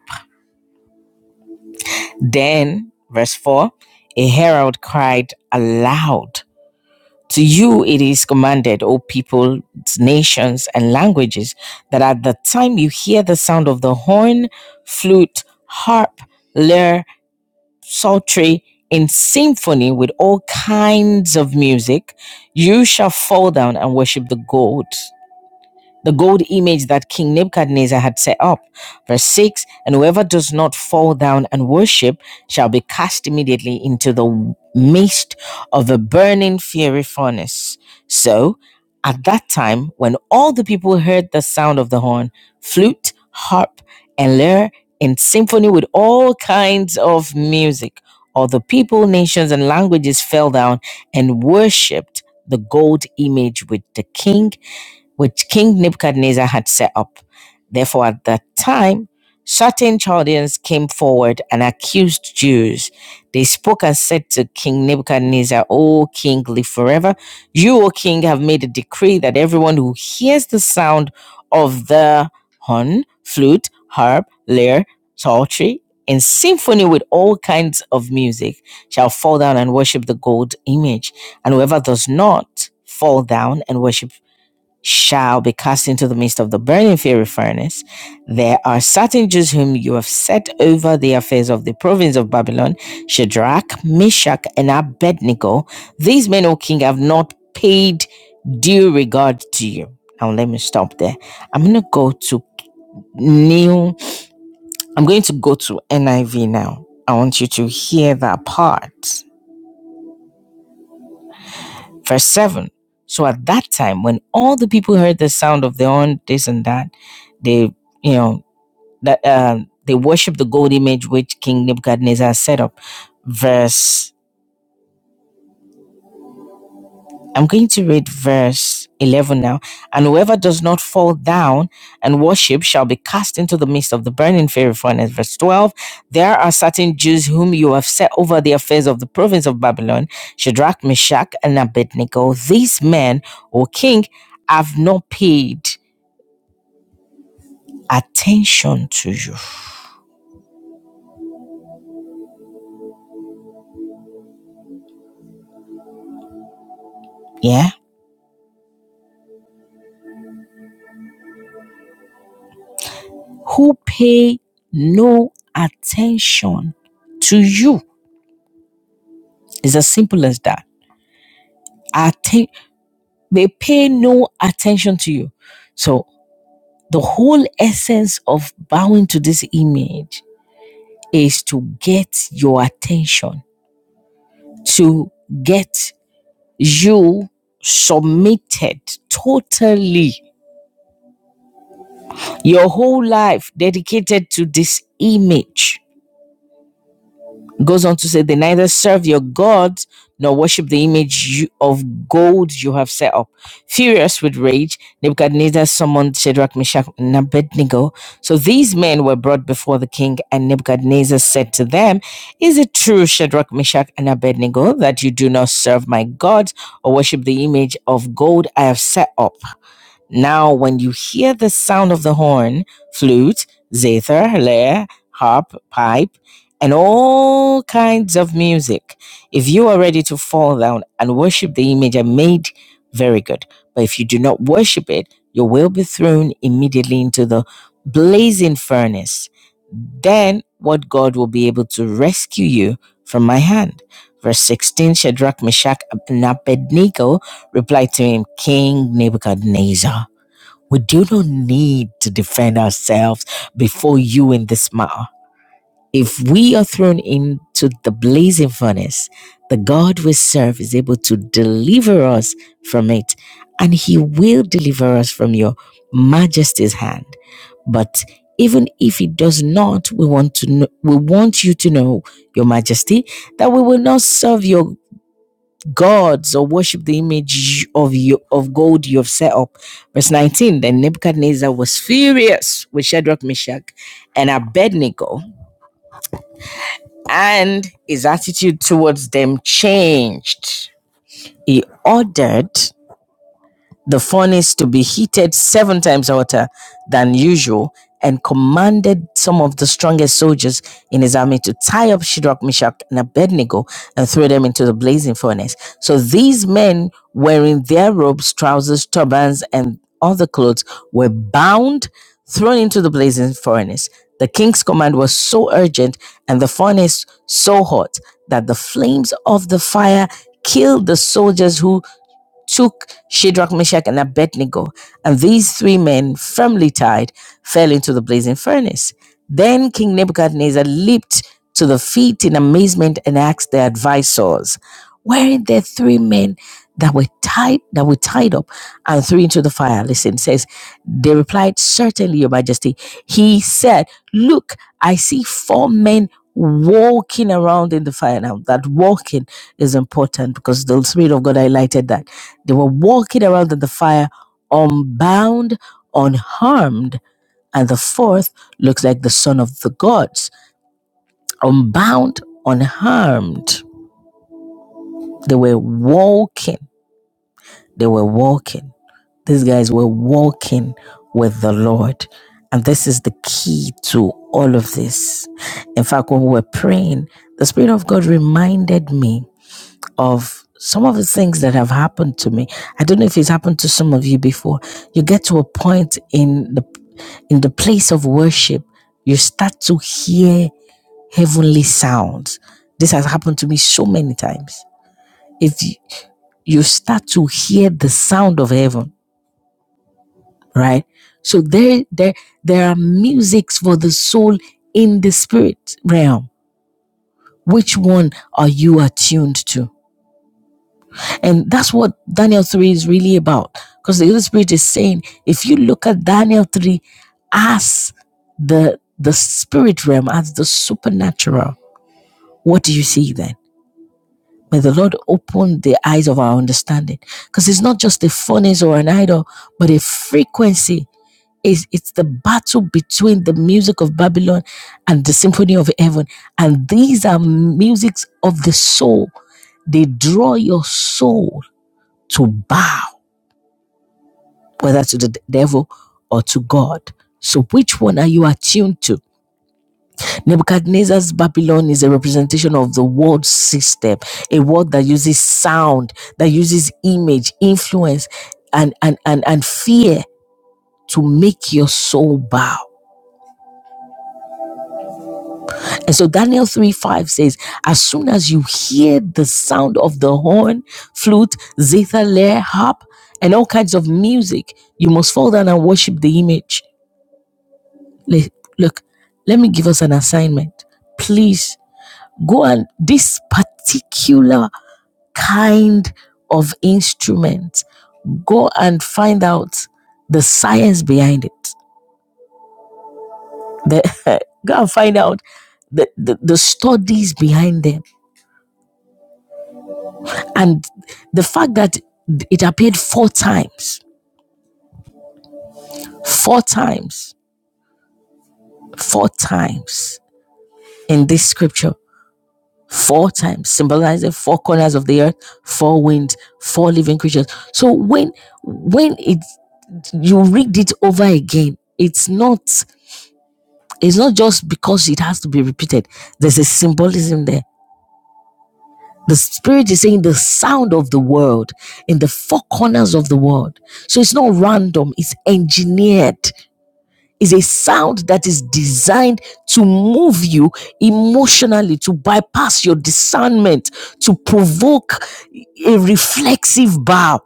S1: Then, verse 4 a herald cried aloud, To you it is commanded, O peoples, nations, and languages, that at the time you hear the sound of the horn, flute, harp, lyre, psaltery, in symphony with all kinds of music, you shall fall down and worship the gold the gold image that King Nebuchadnezzar had set up. Verse 6 And whoever does not fall down and worship shall be cast immediately into the midst of a burning fiery furnace. So, at that time, when all the people heard the sound of the horn, flute, harp, and lyre, in symphony with all kinds of music, all the people, nations, and languages fell down and worshipped the gold image with the king which King Nebuchadnezzar had set up. Therefore, at that time, certain Chaldeans came forward and accused Jews. They spoke and said to King Nebuchadnezzar, O king, live forever. You, O king, have made a decree that everyone who hears the sound of the horn, flute, harp, lyre, psaltery, in symphony with all kinds of music shall fall down and worship the gold image, and whoever does not fall down and worship shall be cast into the midst of the burning fiery furnace. There are certain Jews whom you have set over the affairs of the province of Babylon Shadrach, Meshach, and Abednego. These men, O king, have not paid due regard to you. Now, let me stop there. I'm going to go to new, I'm going to go to NIV now. I want you to hear that part. Verse 7. So at that time, when all the people heard the sound of the horn, this and that, they, you know, that um, they worship the gold image which King Nebuchadnezzar set up. Verse, I'm going to read verse 11 now. And whoever does not fall down and worship shall be cast into the midst of the burning fiery furnace. Verse 12, there are certain Jews whom you have set over the affairs of the province of Babylon, Shadrach, Meshach, and Abednego. These men, O king, have not paid attention to you. Yeah who pay no attention to you. It's as simple as that. Atten- they pay no attention to you. So, the whole essence of bowing to this image is to get your attention, to get you submitted totally, your whole life dedicated to this image. Goes on to say, they neither serve your gods nor worship the image you, of gold you have set up. Furious with rage, Nebuchadnezzar summoned Shadrach, Meshach, and Abednego. So these men were brought before the king, and Nebuchadnezzar said to them, Is it true, Shadrach, Meshach, and Abednego, that you do not serve my gods or worship the image of gold I have set up? Now, when you hear the sound of the horn, flute, zither, lyre, harp, pipe, and all kinds of music, if you are ready to fall down and worship the image I made, very good. But if you do not worship it, you will be thrown immediately into the blazing furnace. Then what God will be able to rescue you from my hand. Verse 16 Shadrach, Meshach, and Abednego replied to him, King Nebuchadnezzar. We do not need to defend ourselves before you in this matter. If we are thrown into the blazing furnace, the God we serve is able to deliver us from it, and He will deliver us from your majesty's hand. But even if He does not, we want to know, we want you to know, Your Majesty, that we will not serve your gods or worship the image of you of gold you have set up. Verse 19. Then Nebuchadnezzar was furious with Shadrach, Meshach, and Abednego, and his attitude towards them changed. He ordered the furnace to be heated seven times hotter than usual and commanded some of the strongest soldiers in his army to tie up Shadrach, Meshach, and Abednego and throw them into the blazing furnace. So these men wearing their robes, trousers, turbans, and other clothes were bound, thrown into the blazing furnace. The king's command was so urgent and the furnace so hot that the flames of the fire killed the soldiers who took Shadrach, Meshach, and Abednego, and these three men, firmly tied, fell into the blazing furnace. Then King Nebuchadnezzar leaped to the feet in amazement and asked their advisors, Weren't there three men that were tied that were tied up and threw into the fire? Listen, it says they replied, Certainly, Your Majesty. He said, Look, I see four men walking around in the fire now. That walking is important because the Spirit of God highlighted that they were walking around in the fire, unbound, unharmed. And the fourth looks like the son of the gods, unbound, unharmed. They were walking. They were walking. These guys were walking with the Lord. And this is the key to all of this. In fact, when we were praying, the Spirit of God reminded me. of some of the things that have happened to me. I don't know if it's happened to some of you before. You get to a point in the in the place of worship, you start to hear heavenly sounds. This has happened to me so many times. If you, you start to hear the sound of heaven, right? So there, there, there are musics for the soul in the spirit realm. Which one are you attuned to? And that's what Daniel 3 is really about. Because the Holy Spirit is saying, if you look at Daniel 3 as the the spirit realm, as the supernatural, what do you see then? May the Lord open the eyes of our understanding. Because it's not just a furnace or an idol, but a frequency. It's, it's the battle between the music of Babylon and the symphony of heaven. And these are musics of the soul. They draw your soul to bow. whether to the devil or to God. So, which one are you attuned to? Nebuchadnezzar's Babylon is a representation of the world system, a world that uses sound, that uses image, influence, and, and, and, and fear to make your soul bow. And so Daniel 3 5 says, As soon as you hear the sound of the horn, flute, zither, lair, harp, and all kinds of music, you must fall down and worship the image le- look, let me give us an assignment. Please go and this particular kind of instrument, go and find out the science behind it. The, [laughs] go and find out the, the, the studies behind them. And the fact that it appeared four times, four times, four times in this scripture four times, symbolizing four corners of the earth, four winds, four living creatures. So when when it you read it over again, it's not it's not just because it has to be repeated. There's a symbolism there. The spirit is saying the sound of the world in the four corners of the world. So it's not random, it's engineered. is a sound that is designed to move you emotionally, to bypass your discernment, to provoke a reflexive bow.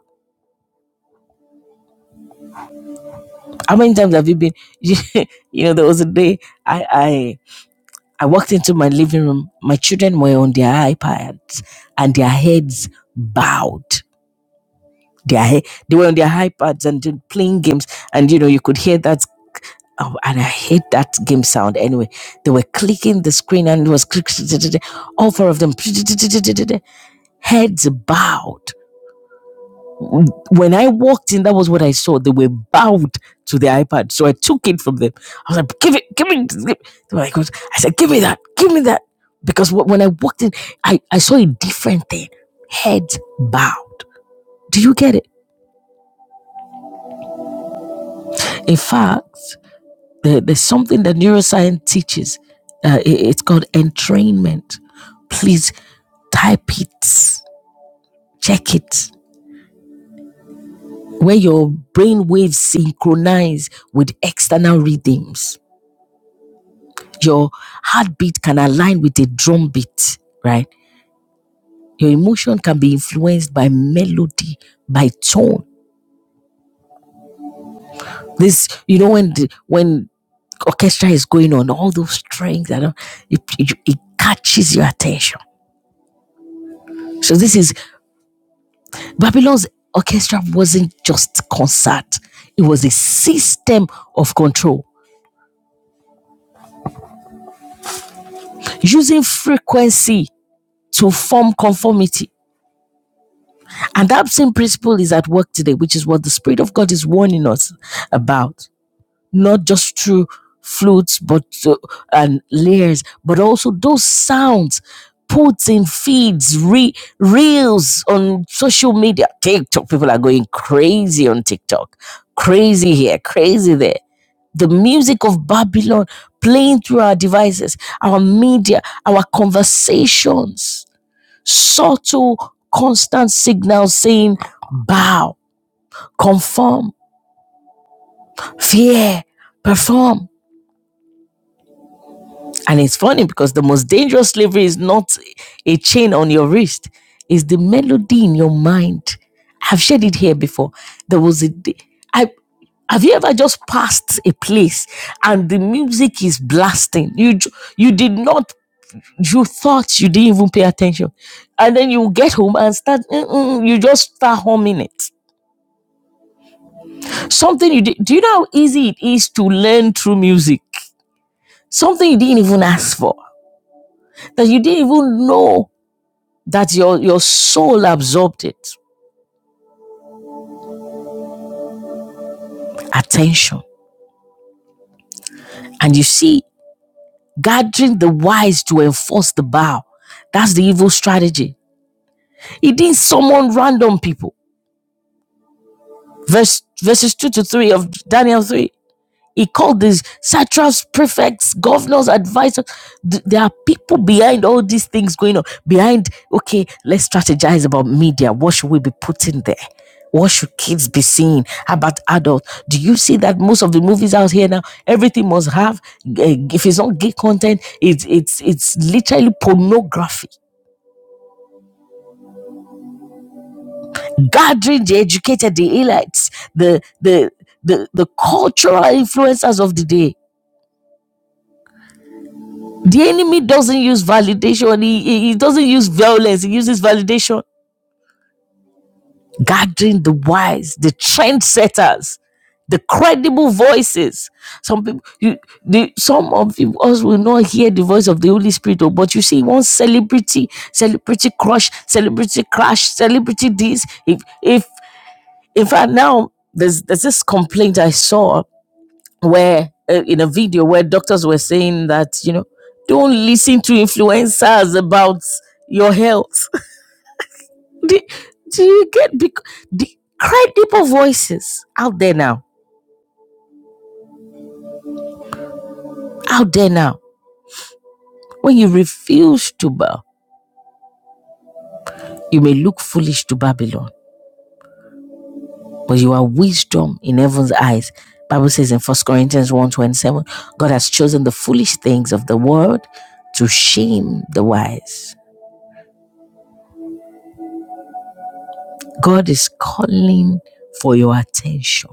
S1: How many times have you been? [laughs] You, know, there was a day I, I I walked into my living room. My children were on their iPads and their heads bowed. Their he- they were on their iPads and they playing games, and you know you could hear that Oh, and I hate that game sound. Anyway, they were clicking the screen and it was click, all four of them. [laughs] Heads bowed. When I walked in, that was what I saw. They were bowed to the iPad. So I took it from them. I was like, give it, give it. Give. it." They were like, I said, give me that, give me that. Because when I walked in, I, I saw a different thing. Heads bowed. Do you get it? In fact, There- there's something that neuroscience teaches. Uh, i- it's called entrainment. Please type it, check it, where your brain waves synchronize with external rhythms. Your heartbeat can align with a drum beat, right? Your emotion can be influenced by melody, by tone. This, you know, when the, when orchestra is going on, all those strings, I don't, it, it, it catches your attention. So this is Babylon's orchestra wasn't just concert, it was a system of control using frequency to form conformity. And that same principle is at work today, which is what the Spirit of God is warning us about, not just through flutes but uh, and layers, but also those sounds put in feeds, re- reels on social media. TikTok, people are going crazy on TikTok. Crazy here, crazy there the music of Babylon playing through our devices, our media, our conversations, subtle, constant signals saying, bow, conform, fear, perform. And it's funny because the most dangerous slavery is not a chain on your wrist, it's the melody in your mind. I've shared it here before. There was a day, I, have you ever just passed a place and the music is blasting? You you did not you thought you didn't even pay attention and then you get home and start you just start humming it something you did do you know how easy it is to learn through music something you didn't even ask for that you didn't even know that your your soul absorbed it attention and you see gathering the wise to enforce the bow that's the evil strategy he didn't summon random people verse verses 2 to 3 of daniel 3 He called these satraps, prefects, governors, advisors. Th- There are people behind all these things going on. Behind, okay, let's strategize about media. What should we be putting there? What should kids be seeing? How about adults? Do you see that most of the movies out here now, everything must have, eh, if it's not gay content, it's it's it's literally pornography. Gathering the educated, the elites, the the the, the cultural influencers of the day The enemy doesn't use validation, he, he he doesn't use violence, he uses validation. Gathering the wise, the trendsetters, the credible voices. Some people, you, the, some of you- us will not hear the voice of the Holy Spirit, oh, but you see one celebrity, celebrity crush, celebrity crash, celebrity this. If, if, in fact, now there's there's this complaint I saw where uh, in a video where doctors were saying that you know don't listen to influencers about your health [laughs] do, do you get bec- the credible voices out there now out there now when you refuse to bow you may look foolish to babylon but you are wisdom in heaven's eyes bible says in First corinthians one twenty-seven, god has chosen the foolish things of the world to shame the wise god is calling for your attention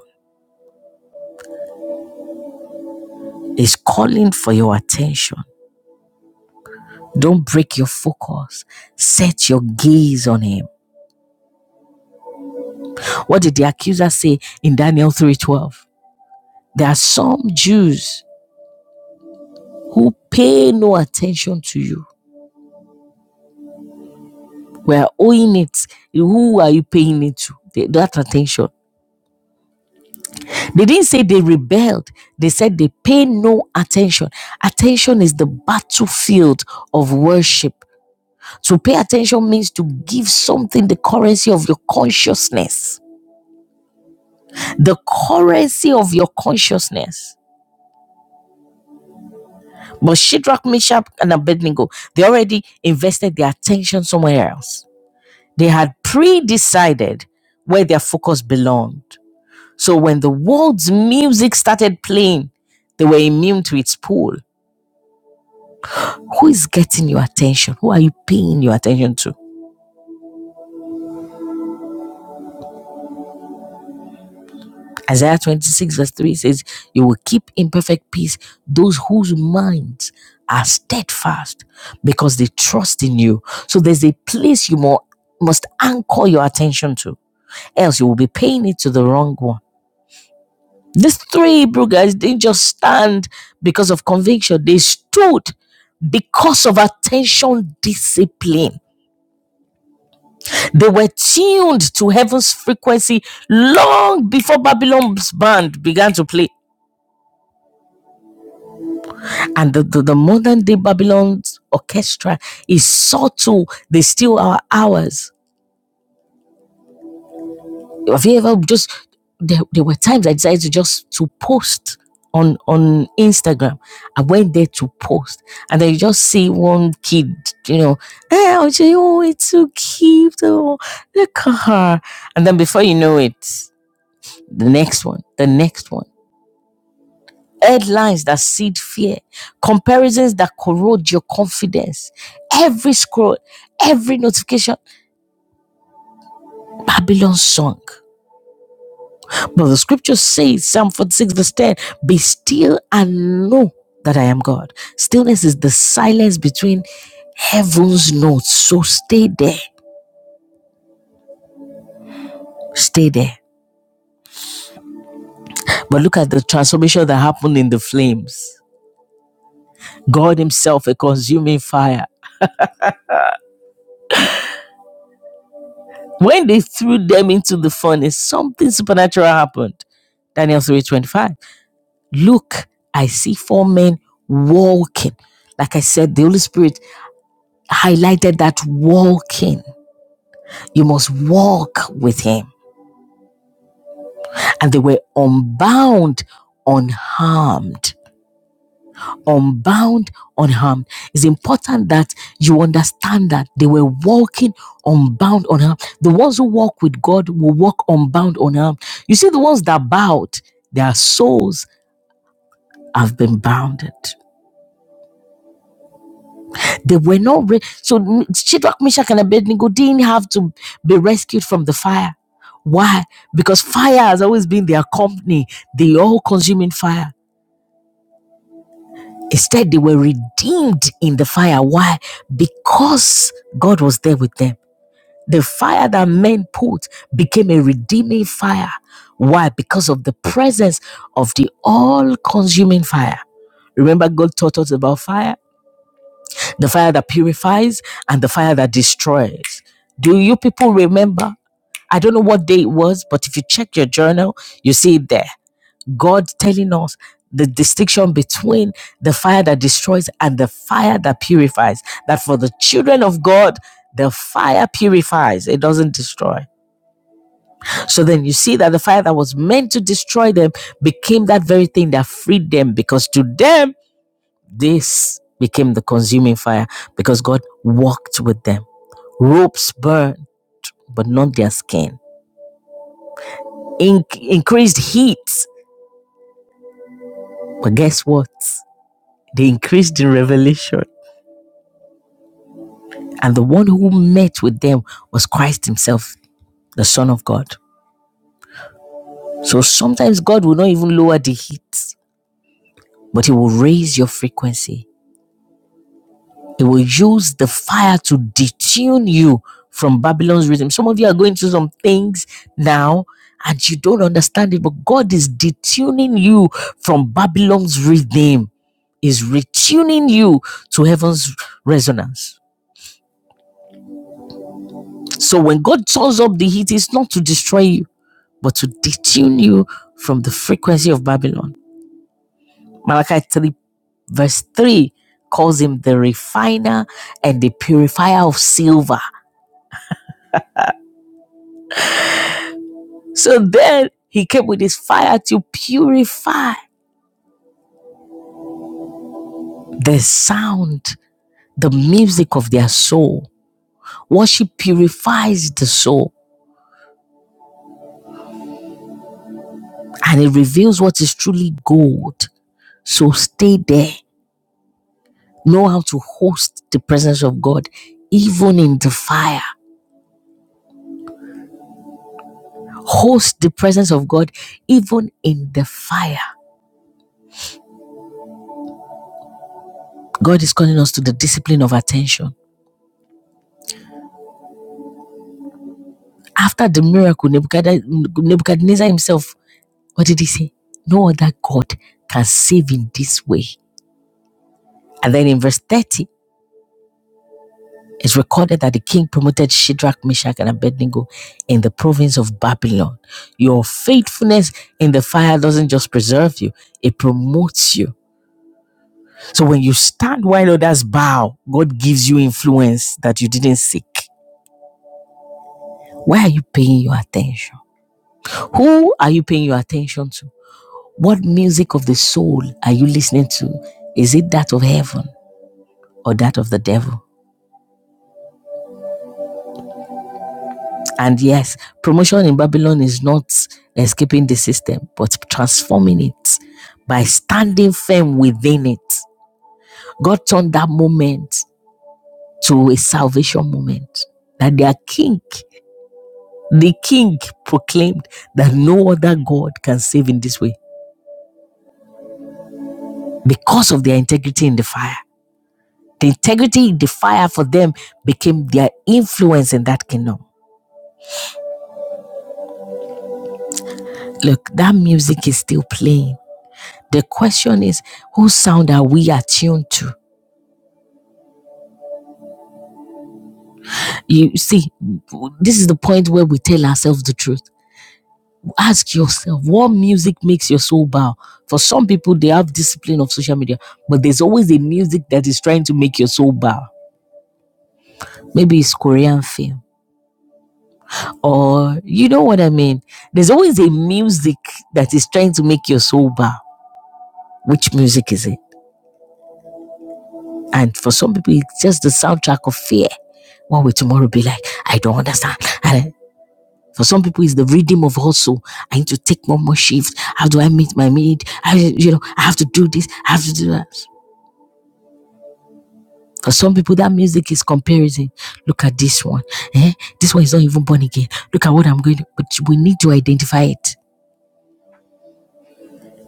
S1: is calling for your attention. Don't break your focus. Set your gaze on him. What did the accuser say in Daniel 3:12? There are some Jews who pay no attention to you. We are owing it. Who are you paying it to? The- That attention. They didn't say they rebelled. They said they pay no attention. Attention is the battlefield of worship. To pay attention means to give something the currency of your consciousness. the currency of your consciousness. But Shadrach, Meshach, and Abednego, they already invested their attention somewhere else. They had pre decided where their focus belonged. So when the world's music started playing, they were immune to its pull. Who is getting your attention? Who are you paying your attention to? Isaiah 26, verse 3 says, You will keep in perfect peace those whose minds are steadfast because they trust in you. So there's a place you mo- must anchor your attention to, else you will be paying it to the wrong one. These three Hebrew guys didn't just stand because of conviction, they stood because of attention discipline. They were tuned to heaven's frequency long before Babylon's band began to play. and the, the, the modern day Babylon's orchestra is subtle. They steal our hours. Have you ever just there, there were times I decided to just to post on on Instagram. I went there to post and then you just see one kid, you know, hey, oh, oh, it's so cute. Oh, look at her. And then before you know it, the next one, the next one. headlines that seed fear, comparisons that corrode your confidence, every scroll, every notification, Babylon sunk, But the scripture says, Psalm 46, verse 10, be still and know that I am God. Stillness is the silence between heaven's notes. So stay there. Stay there. But look at the transformation that happened in the flames. God Himself, a consuming fire. When they threw them into the furnace, something supernatural happened. Daniel 3 25. Look, I see four men walking. Like I said, the Holy Spirit highlighted that walking. You must walk with Him. And they were unbound, unharmed. unbound, unharmed. It's important that you understand that they were walking unbound, unharmed. The ones who walk with God will walk unbound, unharmed. You see, the ones that bowed, their souls have been bounded. They were not re- so M- Shadrach, Meshach, and Abednego didn't have to be rescued from the fire. Why? Because fire has always been their company, the all-consuming fire. Instead, they were redeemed in the fire. Why? Because God was there with them. The fire that men put became a redeeming fire. Why? Because of the presence of the all consuming fire. Remember, God taught us about fire the fire that purifies and the fire that destroys. Do you people remember? I don't know what day it was, but if you check your journal, you see it there God telling us the distinction between the fire that destroys and the fire that purifies. That for the children of God, the fire purifies, it doesn't destroy. So then you see that the fire that was meant to destroy them became that very thing that freed them because to them, this became the consuming fire because God walked with them. Ropes burned, but not their skin. In- increased heat, but guess what? They increased in revelation. And the one who met with them was Christ Himself, the Son of God. So sometimes God will not even lower the heat, but He will raise your frequency. He will use the fire to detune you from Babylon's rhythm. Some of you are going through some things now and you don't understand it, but God is detuning you from Babylon's rhythm, is retuning you to heaven's resonance. So when God turns up the heat, it's not to destroy you. but to detune you from the frequency of Babylon. Malachi 3, verse 3 calls him the refiner and the purifier of silver. So then he came with his fire to purify the sound, the music of their soul. Worship purifies the soul and it reveals what is truly gold. So stay there. Know how to host the presence of God, even in the fire. holds the presence of God even in the fire. God is calling us to the discipline of attention. After the miracle, Nebuchadnezzar himself, what did he say? No other God can save in this way. And then in verse 30, it's recorded that the king promoted Shadrach, Meshach, and Abednego in the province of Babylon. Your faithfulness in the fire doesn't just preserve you, it promotes you. So when you stand while others bow, God gives you influence that you didn't seek. Where are you paying your attention? Who are you paying your attention to? What music of the soul are you listening to? Is it that of heaven or that of the devil? And yes, promotion in Babylon is not escaping the system, but transforming it by standing firm within it. God turned that moment to a salvation moment. That their king, the king proclaimed that no other God can save in this way because of their integrity in the fire. The integrity, the fire for them became their influence in that kingdom. Look, that music is still playing. The question is, whose sound are we attuned to? You see, this is the point where we tell ourselves the truth. Ask yourself, what music makes your soul bow? For some people, they have discipline of social media, but there's always a music that is trying to make your soul bow. Maybe it's Korean film, or you know what I mean? There's always a music that is trying to make your soul bow Which music is it? And for some people, it's just the soundtrack of fear. What will tomorrow be like? I don't understand. And for some people, it's the rhythm of hustle. I need to take one more shift. How do I meet my need? I, you know, I have to do this. I have to do that. For some people, that music is comparison. Look at this one. Eh? This one is not even born again. Look at what I'm going to. But we need to identify it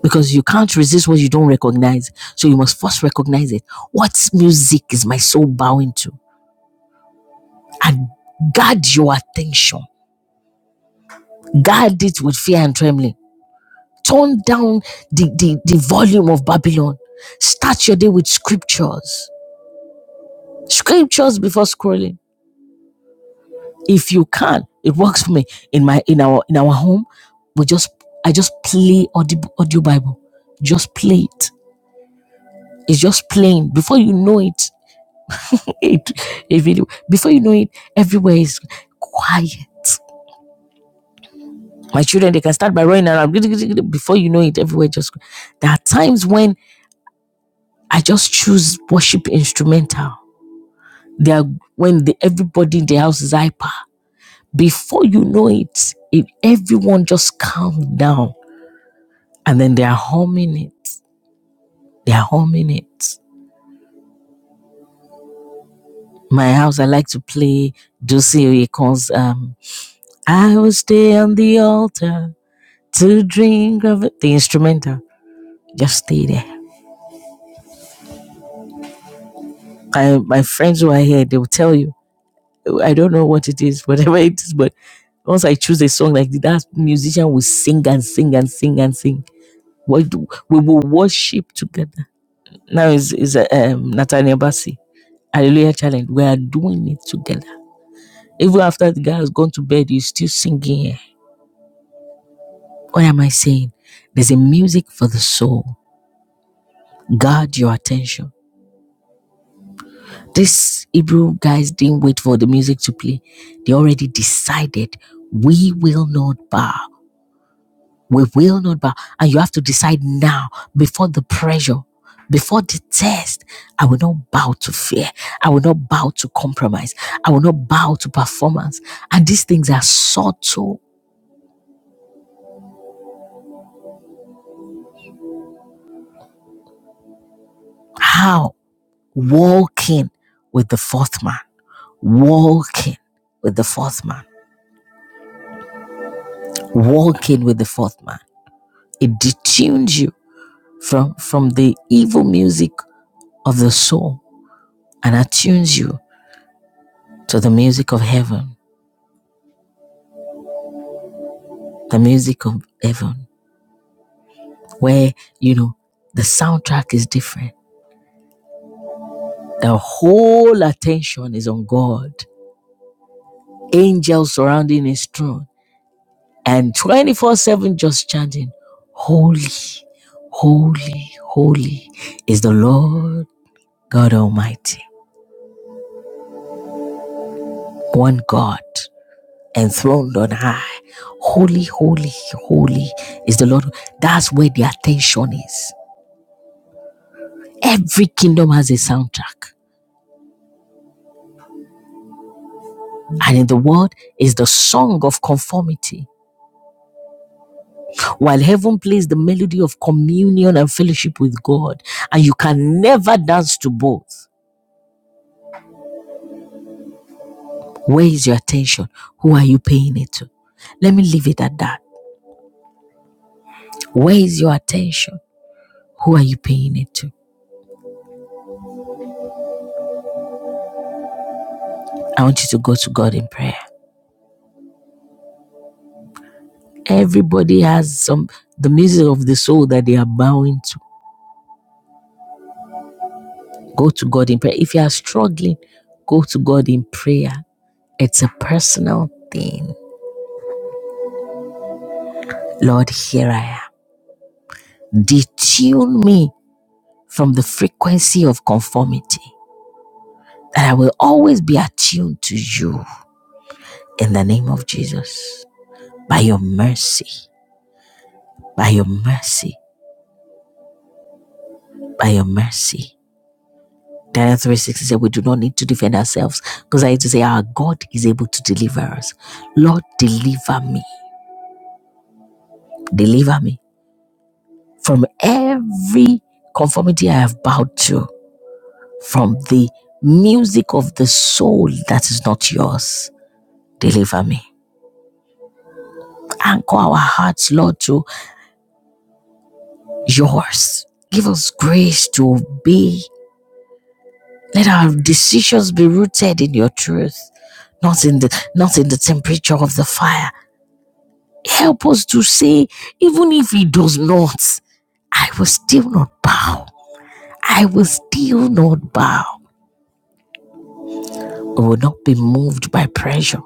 S1: because you can't resist what you don't recognize. So you must first recognize it. What music is my soul bowing to? and guard your attention. Guard it with fear and trembling. Turn down the, the, the volume of Babylon. Start your day with scriptures. Scriptures before scrolling. If you can, it works for me. In my in our in our home, we just I just play audio, audio Bible. Just play it. It's just playing. Before you know it, [laughs] it a video. Before you know it, everywhere is quiet. my children they can start by running around before you know it everywhere just there are times when i just choose worship instrumental There, are when the, everybody in the house is hyper before you know it, if everyone just calm down and then they are humming it they are humming it my house i like to play Dulce calls um i will stay on the altar to drink of it. the instrumental just stay there my, my friends who are here they will tell you I don't know what it is, [laughs] whatever it is, but once I choose a song like that, musician will sing and sing and sing and sing. We, do- we will worship together. Now is is uh, um, Nathaniel Bassi Hallelujah Challenge. We are doing it together. Even after the guy has gone to bed, he's still singing. here. What am I saying? There's a music for the soul. Guard your attention. These Hebrew guys didn't wait for the music to play. They already decided we will not bow. We will not bow. And you have to decide now before the pressure, before the test. I will not bow to fear. I will not bow to compromise. I will not bow to performance. And these things are subtle. How? Walking with the fourth man. Walking with the fourth man. Walking with the fourth man. It detunes you from, from the evil music of the soul and attunes you to the music of heaven the music of heaven. where you know the soundtrack is different the whole attention is on god angels surrounding his throne and 24 7 just chanting holy holy holy is the lord god almighty one god enthroned on high holy holy holy is the lord that's where the attention is every kingdom has a soundtrack and in the world is the song of conformity while heaven plays the melody of communion and fellowship with God, and you can never dance to both. Where is your attention? Who are you paying it to? Let me leave it at that. Where is your attention? Who are you paying it to? I want you to go to God in prayer. Everybody has some the music of the soul that they are bowing to. Go to God in prayer. If you are struggling, go to God in prayer. It's a personal thing. Lord, here I am. Detune me from the frequency of conformity. That I will always be attuned to you in the name of Jesus. By your mercy, by your mercy, by your mercy. Daniel 3.16 said, we do not need to defend ourselves because I need to say our God is able to deliver us. Lord, deliver me. Deliver me from every conformity I have bowed to, from the music of the soul that is not yours. Deliver me anchor our hearts, Lord, to yours. Give us grace to obey. Let our decisions be rooted in your truth, not in the not in the temperature of the fire. Help us to say, even if he does not, I will still not bow. I will still not bow. We will not be moved by pressure.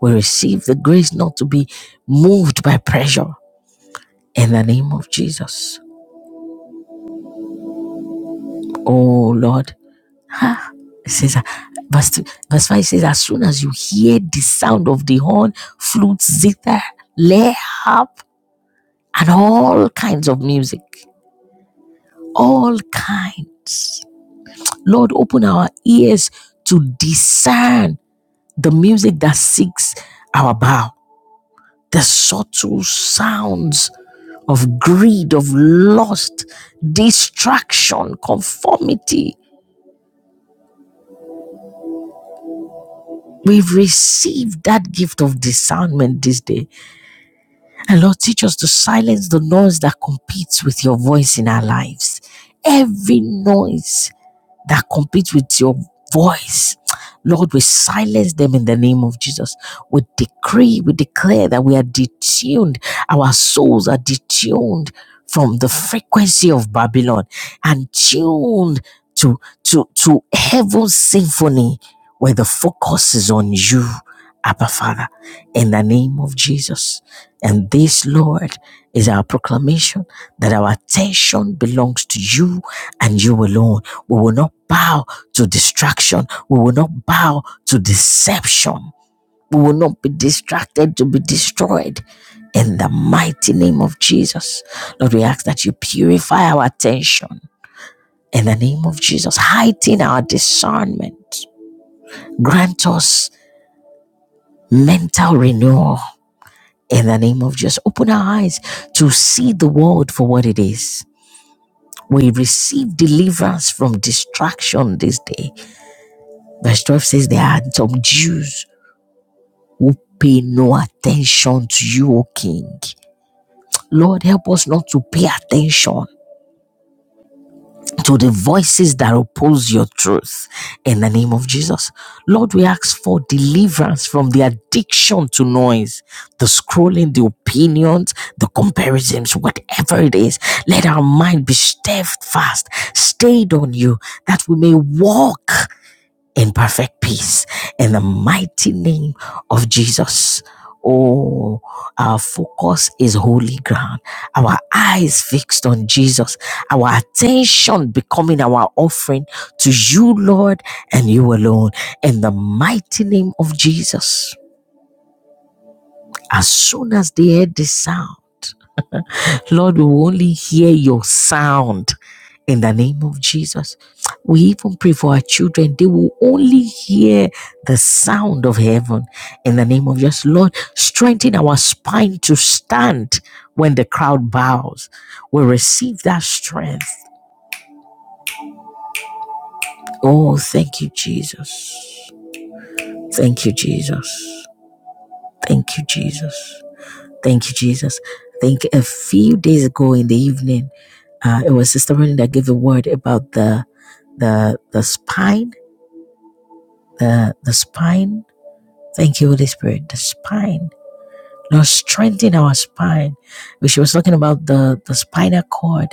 S1: We receive the grace not to be moved by pressure. In the name of Jesus. Oh Lord, Ah, it says, that verse, verse 5 says, As soon as you hear the sound of the horn, flute, zither, lair, harp, and all kinds of music, all kind. Lord, open our ears to discern the music that seeks our bow, the subtle sounds of greed, of lust, distraction, conformity. We've received that gift of discernment this day And Lord, teach us to silence the noise that competes with your voice in our lives. Every noise that compete with your voice. Lord, we silence them in the name of Jesus. We decree, we declare that we are detuned, our souls are detuned from the frequency of Babylon and tuned to, to, to heaven's symphony where the focus is on you, Abba Father, in the name of Jesus. And this, Lord, is our proclamation that our attention belongs to you and you alone. We will not bow to distraction. We will not bow to deception. We will not be distracted to be destroyed. In the mighty name of Jesus, Lord, we ask that you purify our attention. In the name of Jesus, heighten our discernment. Grant us mental renewal. In the name of Jesus, open our eyes to see the world for what it is We receive deliverance from distraction this day. Verse 12 says, There are some Jews who pay no attention to you, O King. Lord, help us not to pay attention to the voices that oppose your truth in the name of Jesus. Lord, we ask for deliverance from the addiction to noise, the scrolling, the opinions, the comparisons, whatever it is. Let our mind be steadfast, stayed on you, that we may walk in perfect peace in the mighty name of Jesus. Oh, our focus is holy ground. Our eyes fixed on Jesus. Our attention becoming our offering to you, Lord, and you alone. In the mighty name of Jesus. As soon as they heard this sound, Lord, we will only hear your sound in the name of Jesus. We even pray for our children. They will only hear the sound of heaven in the name of Jesus. Lord, strengthen our spine to stand when the crowd bows. We receive that strength. Oh, thank you, Jesus. Thank you, Jesus. Thank you, Jesus. Thank you, Jesus. I think a few days ago in the evening, uh, it was Sister Rennie that gave a word about the the the spine, the the spine. Thank you, Holy Spirit. The spine. Lord, strengthen our spine. But She was talking about the the spinal cord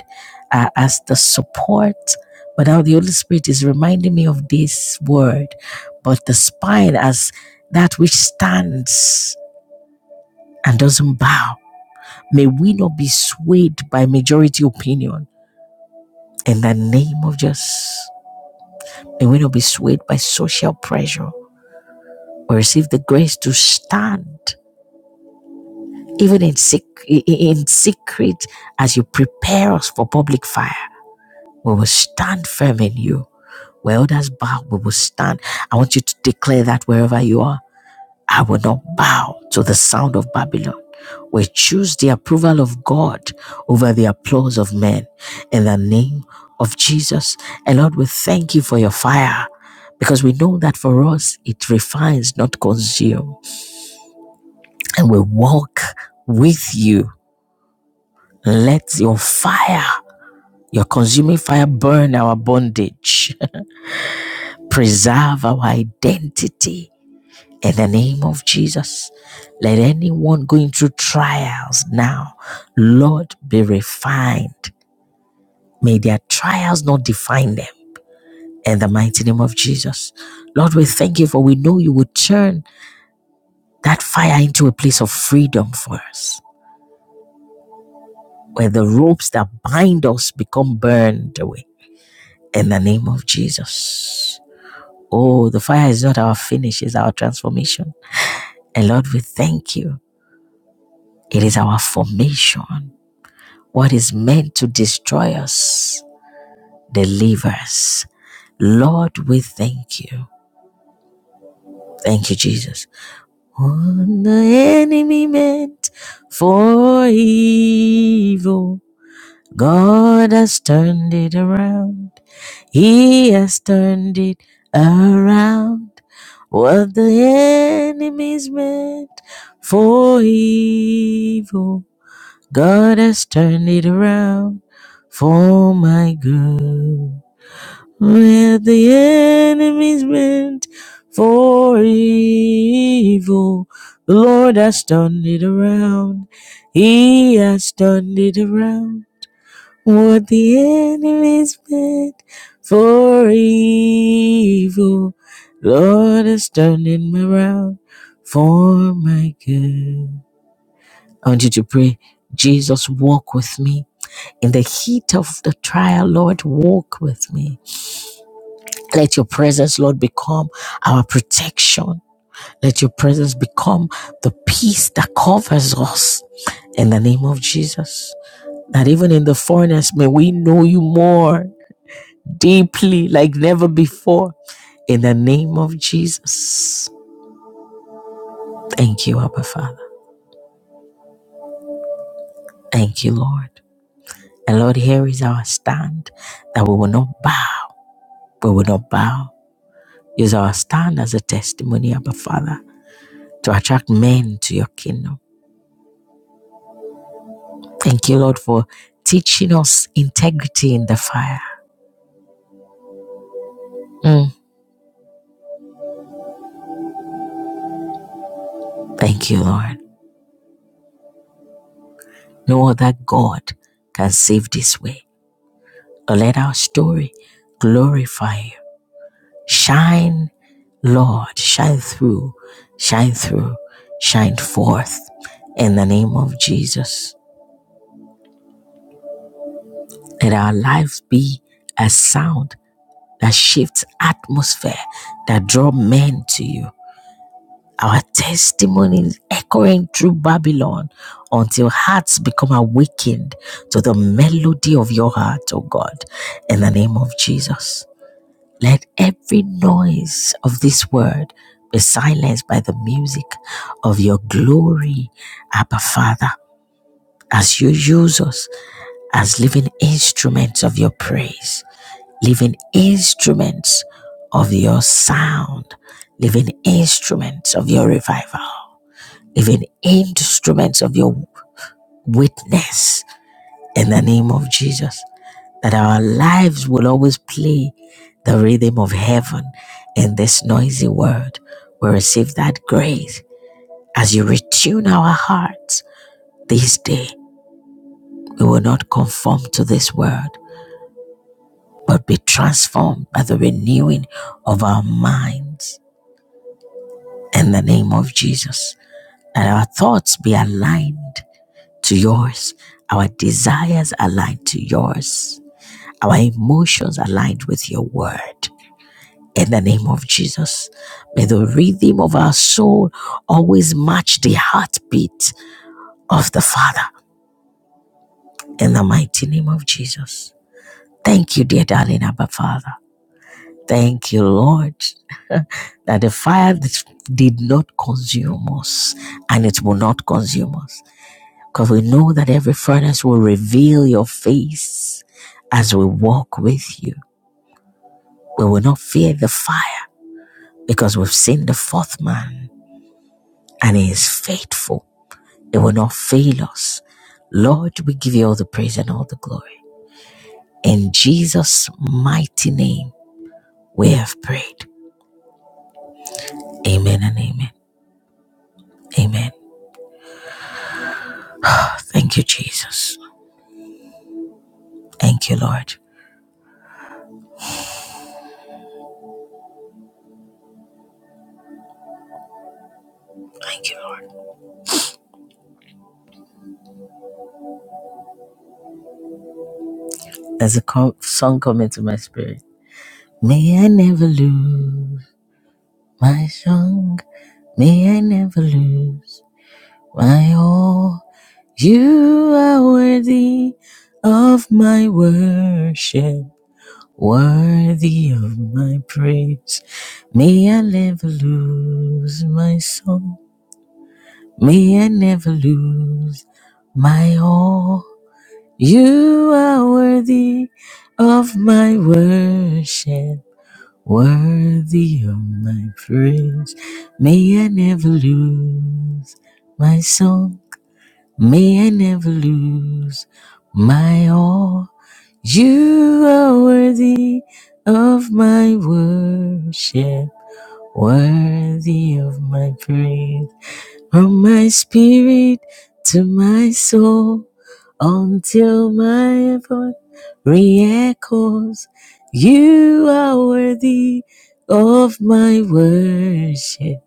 S1: uh, as the support. But now the Holy Spirit is reminding me of this word, but the spine as that which stands and doesn't bow May we not be swayed by majority opinion in the name of Jesus. May we not be swayed by social pressure. We receive the grace to stand even in, sec- in secret as you prepare us for public fire. We will stand firm in you. Where others bow, we will stand. I want you to declare that wherever you are. I will not bow to the sound of Babylon. We choose the approval of God over the applause of men in the name of Jesus. And Lord, we thank you for your fire because we know that for us it refines, not consume. And we walk with you. Let your fire, your consuming fire, burn our bondage, [laughs] preserve our identity In the name of Jesus, let anyone going through trials now, Lord, be refined. May their trials not define them. In the mighty name of Jesus. Lord, we thank you for we know you will turn that fire into a place of freedom for us, where the ropes that bind us become burned away. In the name of Jesus. Oh, the fire is not our finish, it's our transformation. And Lord, we thank you. It is our formation. What is meant to destroy us, delivers. Lord, we thank you. Thank you, Jesus. What the enemy meant for evil, God has turned it around. He has turned it around. What the enemy's meant for evil. God has turned it around for my good. Where the enemies meant for evil, the Lord has turned it around. He has turned it around. What the enemies meant for evil, Lord has turned it around for my good. I want you to pray, Jesus, walk with me in the heat of the trial, Lord, walk with me. Let your presence, Lord, become our protection. Let your presence become the peace that covers us in the name of Jesus. That even in the furnace, may we know you more deeply like never before in the name of Jesus. Thank you, Abba Father. Thank you, Lord. And Lord, here is our stand that we will not bow. We will not bow Use our stand as a testimony, Abba Father, to attract men to your kingdom. Thank you, Lord, for teaching us integrity in the fire. Mm. Thank you, Lord. No other God can save this way. But let our story glorify you. Shine, Lord, shine through, shine through, shine forth in the name of Jesus. Let our lives be as sound that shifts atmosphere, that draw men to you. Our testimony is echoing through Babylon until hearts become awakened to the melody of your heart, O God, in the name of Jesus. Let every noise of this word be silenced by the music of your glory, Abba Father, as you use us as living instruments of your praise living instruments of your sound, living instruments of your revival, living instruments of your witness in the name of Jesus. That our lives will always play the rhythm of heaven in this noisy world. We receive that grace as you retune our hearts this day. We will not conform to this world, but be transformed by the renewing of our minds in the name of Jesus. That our thoughts be aligned to yours, our desires aligned to yours, our emotions aligned with your word. In the name of Jesus, may the rhythm of our soul always match the heartbeat of the Father. In the mighty name of Jesus. Thank you, dear darling Abba Father. Thank you, Lord, that the fire did not consume us and it will not consume us. Because we know that every furnace will reveal your face as we walk with you. We will not fear the fire because we've seen the fourth man and he is faithful. It will not fail us. Lord, we give you all the praise and all the glory. In Jesus' mighty name, we have prayed. Amen and amen. Amen. Thank you, Jesus. Thank you, Lord. Thank you, Lord. There's a song coming to my spirit. May I never lose. My song, may I never lose. My all, you are worthy of my worship, worthy of my praise. May I never lose my song. May I never lose my all. You are worthy of my worship. Worthy of my praise, may I never lose my song, may I never lose my all. You are worthy of my worship worthy of my praise. From my spirit to my soul, until my voice re-echoes, you are worthy of my worship,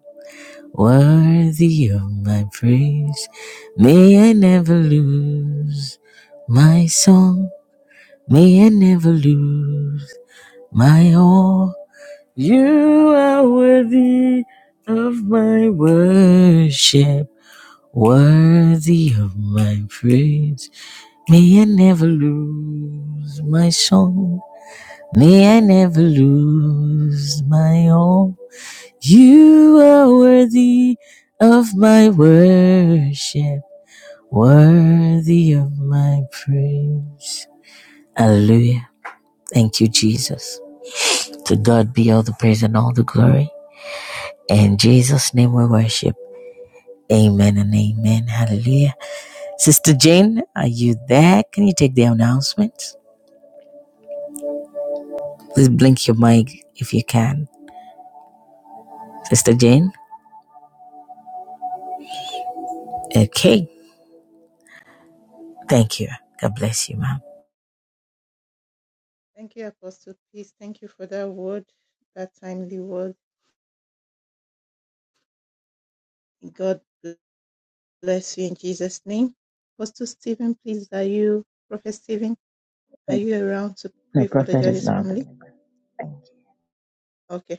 S1: worthy of my praise. May I never lose my song, may I never lose my all. You are worthy of my worship, worthy of my praise. May I never lose my song. May I never lose my all. You are worthy of my worship, worthy of my praise. Hallelujah. Thank you, Jesus. To God be all the praise and all the glory. In Jesus' name we worship. Amen and amen. Hallelujah. Sister Jane, are you there? Can you take the announcements? Please blink your mic if you can. Sister Jane? Okay. Thank you. God bless you, ma'am.
S2: you, Apostle. Peace. Thank you for that word, that timely word. God bless you in Jesus' name. Apostle Stephen, please, are you, Prophet Stephen, are you around to
S1: No,
S2: pray for the
S1: prophet is
S2: judge's
S1: not
S2: family?
S1: available. Thank
S2: Okay.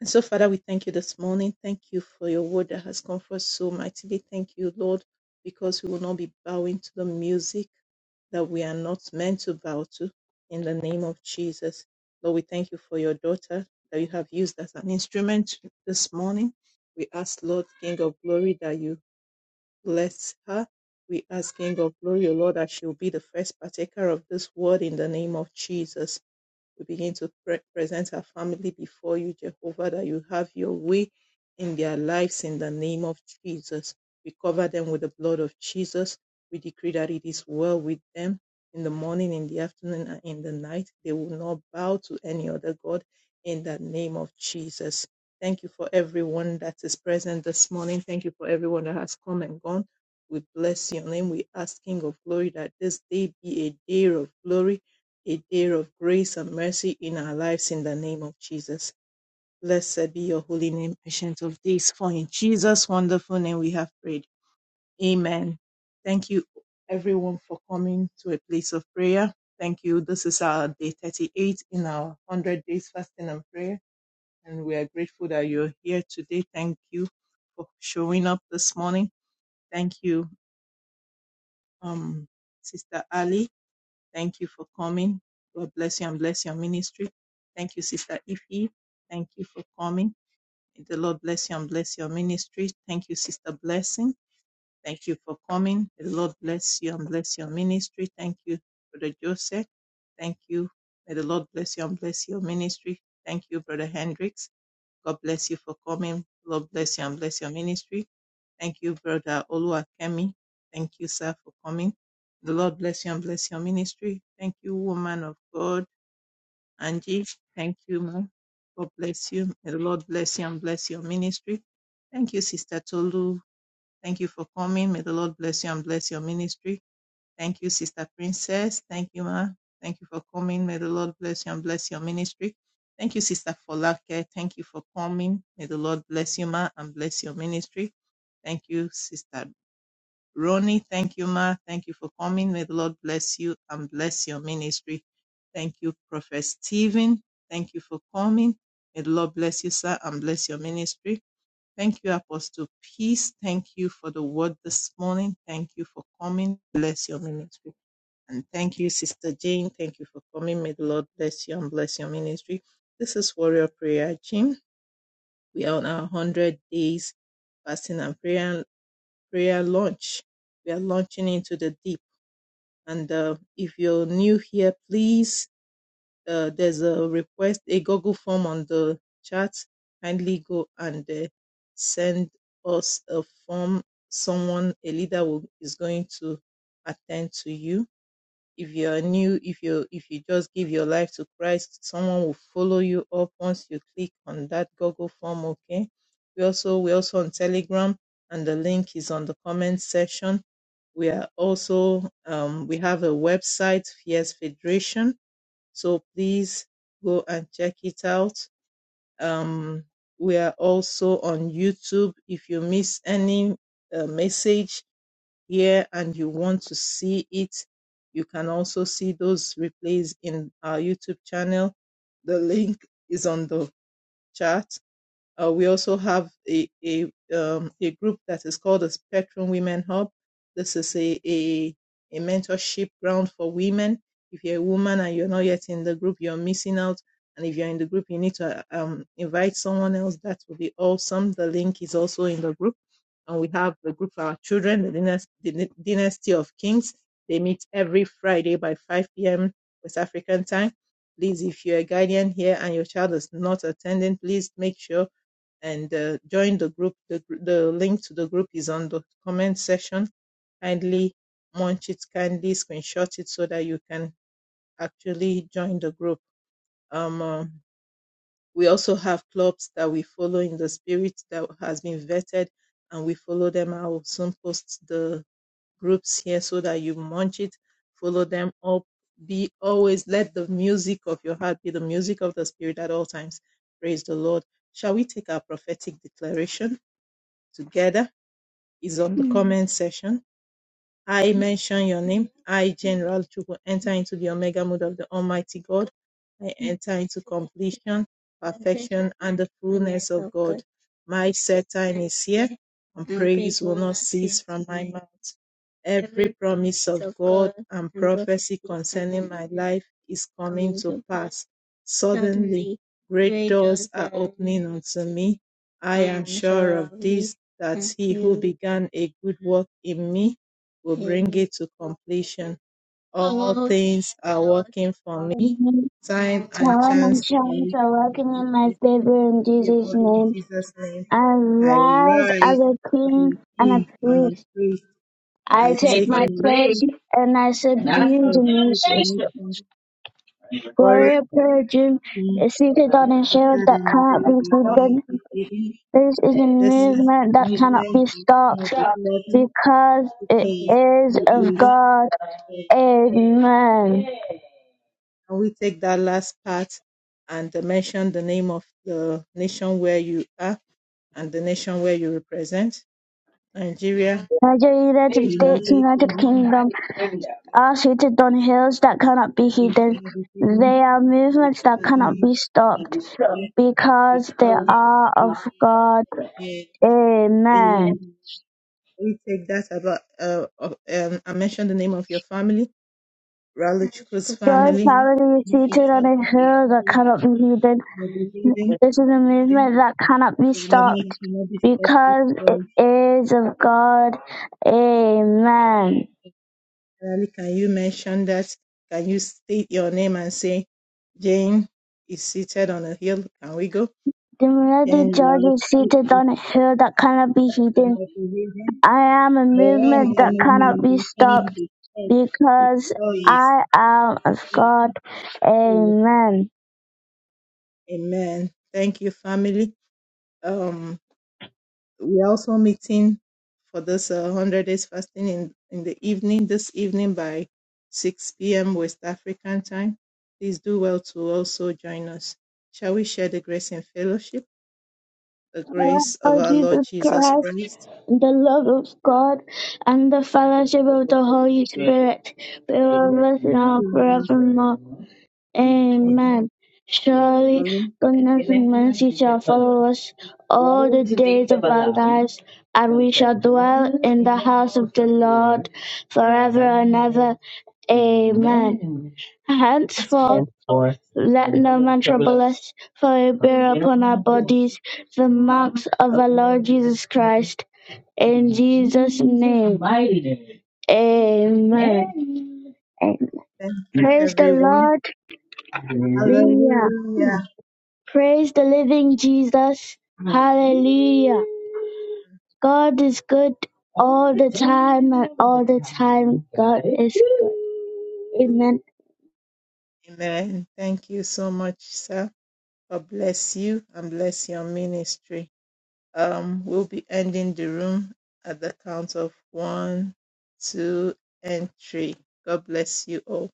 S2: And so, Father, we thank you this morning. Thank you for your word that has come forth so mightily. Thank you, Lord, because we will not be bowing to the music that we are not meant to bow to in the name of Jesus. Lord, we thank you for your daughter that you have used as an instrument this morning. We ask, Lord, King of glory, that you bless her. We ask, King of glory, O Lord, that she will be the first partaker of this word in the name of Jesus. We begin to pre- present our family before you, Jehovah, that you have your way in their lives in the name of Jesus. We cover them with the blood of Jesus. We decree that it is well with them in the morning, in the afternoon, and in the night. They will not bow to any other God in the name of Jesus. Thank you for everyone that is present this morning. Thank you for everyone that has come and gone. We bless your name. We ask King of Glory that this day be a day of glory a day of grace and mercy in our lives in the name of Jesus. Blessed be your holy name, patient of days. For in Jesus' wonderful name we have prayed. Amen. Thank you, everyone, for coming to a place of prayer. Thank you. This is our day 38 in our 100 days fasting and prayer. And we are grateful that you're here today. Thank you for showing up this morning. Thank you, um, Sister Ali. Thank you for coming. God bless you and bless your ministry. Thank you, Sister Ify. Thank you for coming. May the Lord bless you and bless your ministry. Thank you, Sister Blessing. Thank you for coming. May the Lord bless you and bless your ministry. Thank you, Brother Joseph. Thank you. May the Lord bless you and bless your ministry. Thank you, Brother Hendricks. God bless you for coming. Lord bless you and bless your ministry. Thank you, Brother Oluwakemi. Thank you, sir, for coming. The Lord bless you and bless your ministry. Thank you, woman of God, Angie. Thank you, ma'am. God bless you. May the Lord bless you and bless your ministry. Thank you, Sister Tolu. Thank you for coming. May the Lord bless you and bless your ministry. Thank you, Sister Princess. Thank you, ma. Thank you for coming. May the Lord bless you and bless your ministry. Thank you, Sister Folake. Thank you for coming. May the Lord bless you, ma, and bless your ministry. Thank you, Sister Ronnie, thank you, Ma. Thank you for coming. May the Lord bless you and bless your ministry. Thank you, Prophet Stephen. Thank you for coming. May the Lord bless you, sir, and bless your ministry. Thank you, Apostle Peace. Thank you for the word this morning. Thank you for coming. Bless your ministry. And thank you, Sister Jane. Thank you for coming. May the Lord bless you and bless your ministry. This is Warrior Prayer Gym. We are on our 100 days fasting and prayer prayer launch. We are launching into the deep. And uh, if you're new here, please, uh, there's a request, a Google form on the chat. Kindly go and uh, send us a form. Someone, a leader, will, is going to attend to you if you're new if you if you just give your life to christ someone will follow you up once you click on that google form okay we also we also on telegram and the link is on the comment section we are also um, we have a website fierce federation so please go and check it out um, we are also on youtube if you miss any uh, message here and you want to see it, you can also see those replays in our YouTube channel. The link is on the chat. Uh, we also have a a, um, a group that is called the Spectrum Women Hub. This is a, a a mentorship ground for women. If you're a woman and you're not yet in the group, you're missing out. And if you're in the group, you need to uh, um, invite someone else. That would be awesome. The link is also in the group and we have the group for our children, the Dynas- Dyna- Dynasty of Kings. They meet every Friday by 5 p.m. West African time. Please, if you're a guardian here and your child is not attending, please make sure and uh, join the group. The, the link to the group is on the comment section. Kindly munch it, kindly screenshot it so that you can actually join the group. Um, uh, we also have clubs that we follow in the spirit that has been vetted and we follow them. I will soon post the groups here so that you munch it, follow them up. Be always let the music of your heart be the music of the spirit at all times. Praise the Lord. Shall we take our prophetic declaration together? Is on the mm. comment section. I mention your name. I, General Chuku, enter into the Omega mode of the Almighty God. I enter into completion, perfection, and the fullness of God. My set time is here, and praise will not cease from my mouth. Every promise of God and prophecy concerning my life is coming to pass. Suddenly, great doors are opening unto me. I am sure of this, that he who began a good work in me will bring it to completion. All things are working for me.
S1: you.
S2: Time and
S1: Tell him my
S2: chance are lifted
S1: are walking in my favor in Jesus'
S2: favor in
S1: name.
S2: Jesus' name.
S1: I
S2: I
S1: rise
S2: rise
S1: as a
S2: as
S1: king
S2: a
S1: and
S2: king
S1: a
S2: and a
S1: priest.
S2: priest.
S1: I
S2: I
S1: take
S2: take
S1: my
S2: my
S1: place and I subdue the
S2: myself to
S1: nations.
S2: the nation. Warrior
S1: Gloria Purgeon
S2: king
S1: is seated
S2: is
S1: on a
S2: seated
S1: shield that
S2: in the
S1: cannot be
S2: world of king of
S1: broken.
S2: the
S1: This is a
S2: This is
S1: movement
S2: the
S1: that cannot
S2: movement
S1: be
S2: and one of
S1: stopped
S2: the blood
S1: because it
S2: because
S1: is
S2: it
S1: of
S2: is.
S1: God.
S2: the
S1: Amen.
S2: Can we take that last part and uh, mention the name of the nation where you are and the nation where you represent? Nigeria,
S1: Nigeria,
S2: the
S1: United States,
S2: United
S1: United
S2: Kingdom,
S1: Kingdom are seated on hills that cannot be
S2: the
S1: hidden.
S2: United
S1: They
S2: Kingdom,
S1: are movements that
S2: Uganda,
S1: cannot be stopped because they
S2: Victoria,
S1: are of God.
S2: eh,
S1: Amen.
S2: eh, we take that about uh, of- um, I mentioned the name of your family, Ralu Chukwu's
S1: Your
S2: family. family.
S1: family is seated on a hill that cannot be hidden.
S2: Ralu,
S1: This is a movement that cannot be stopped because it is of God. Amen.
S2: Can you mention that? Can you state your name and say Jane is seated on a hill. Can we go?
S1: The
S2: Then
S1: mighty judge
S2: around
S1: is
S2: fruit
S1: seated
S2: is
S1: on a hill that cannot be
S2: the
S1: hidden.
S2: northern river.
S1: I am a
S2: I am
S1: movement
S2: a
S1: that cannot
S2: movement
S1: be
S2: containing
S1: stopped
S2: the head,
S1: because
S2: victorious,
S1: I am of God.
S2: standing
S1: Amen.
S2: Amen. Thank you, family. Um, we're also meeting for this uh, 100 days fasting in, in the evening, this evening by 6 p.m. West African time. Please do well to also join us. Shall we share the grace and fellowship? The grace of
S1: Oh
S2: our Lord
S1: Jesus
S2: Jesus
S1: Christ,
S2: Christ.
S1: the love of God and the fellowship of the Holy
S2: We
S1: Spirit be
S2: thank you,
S1: with us now
S2: with
S1: forevermore.
S2: us
S1: Amen. Surely
S2: faithfully.
S1: goodness and mercy shall follow us all the days of our lives, and we shall dwell in the house of the Lord forever and ever. Amen.
S2: Let's go
S1: Henceforth, Henceforth, let no man trouble us, for we bear upon our
S2: to
S1: bodies the marks of our Lord Jesus Christ. In Jesus' name. Amen. Amen.
S2: Thank you,
S1: Praise the
S2: everyone.
S1: Lord. Hallelujah.
S2: Hallelujah.
S1: Praise the living Jesus. Hallelujah. God is good all the time and all the time God is good. Amen.
S2: Amen. Thank you so much, sir. God bless you and bless your ministry. Um, we'll be ending the room at the count of one, two, and three. God bless you all.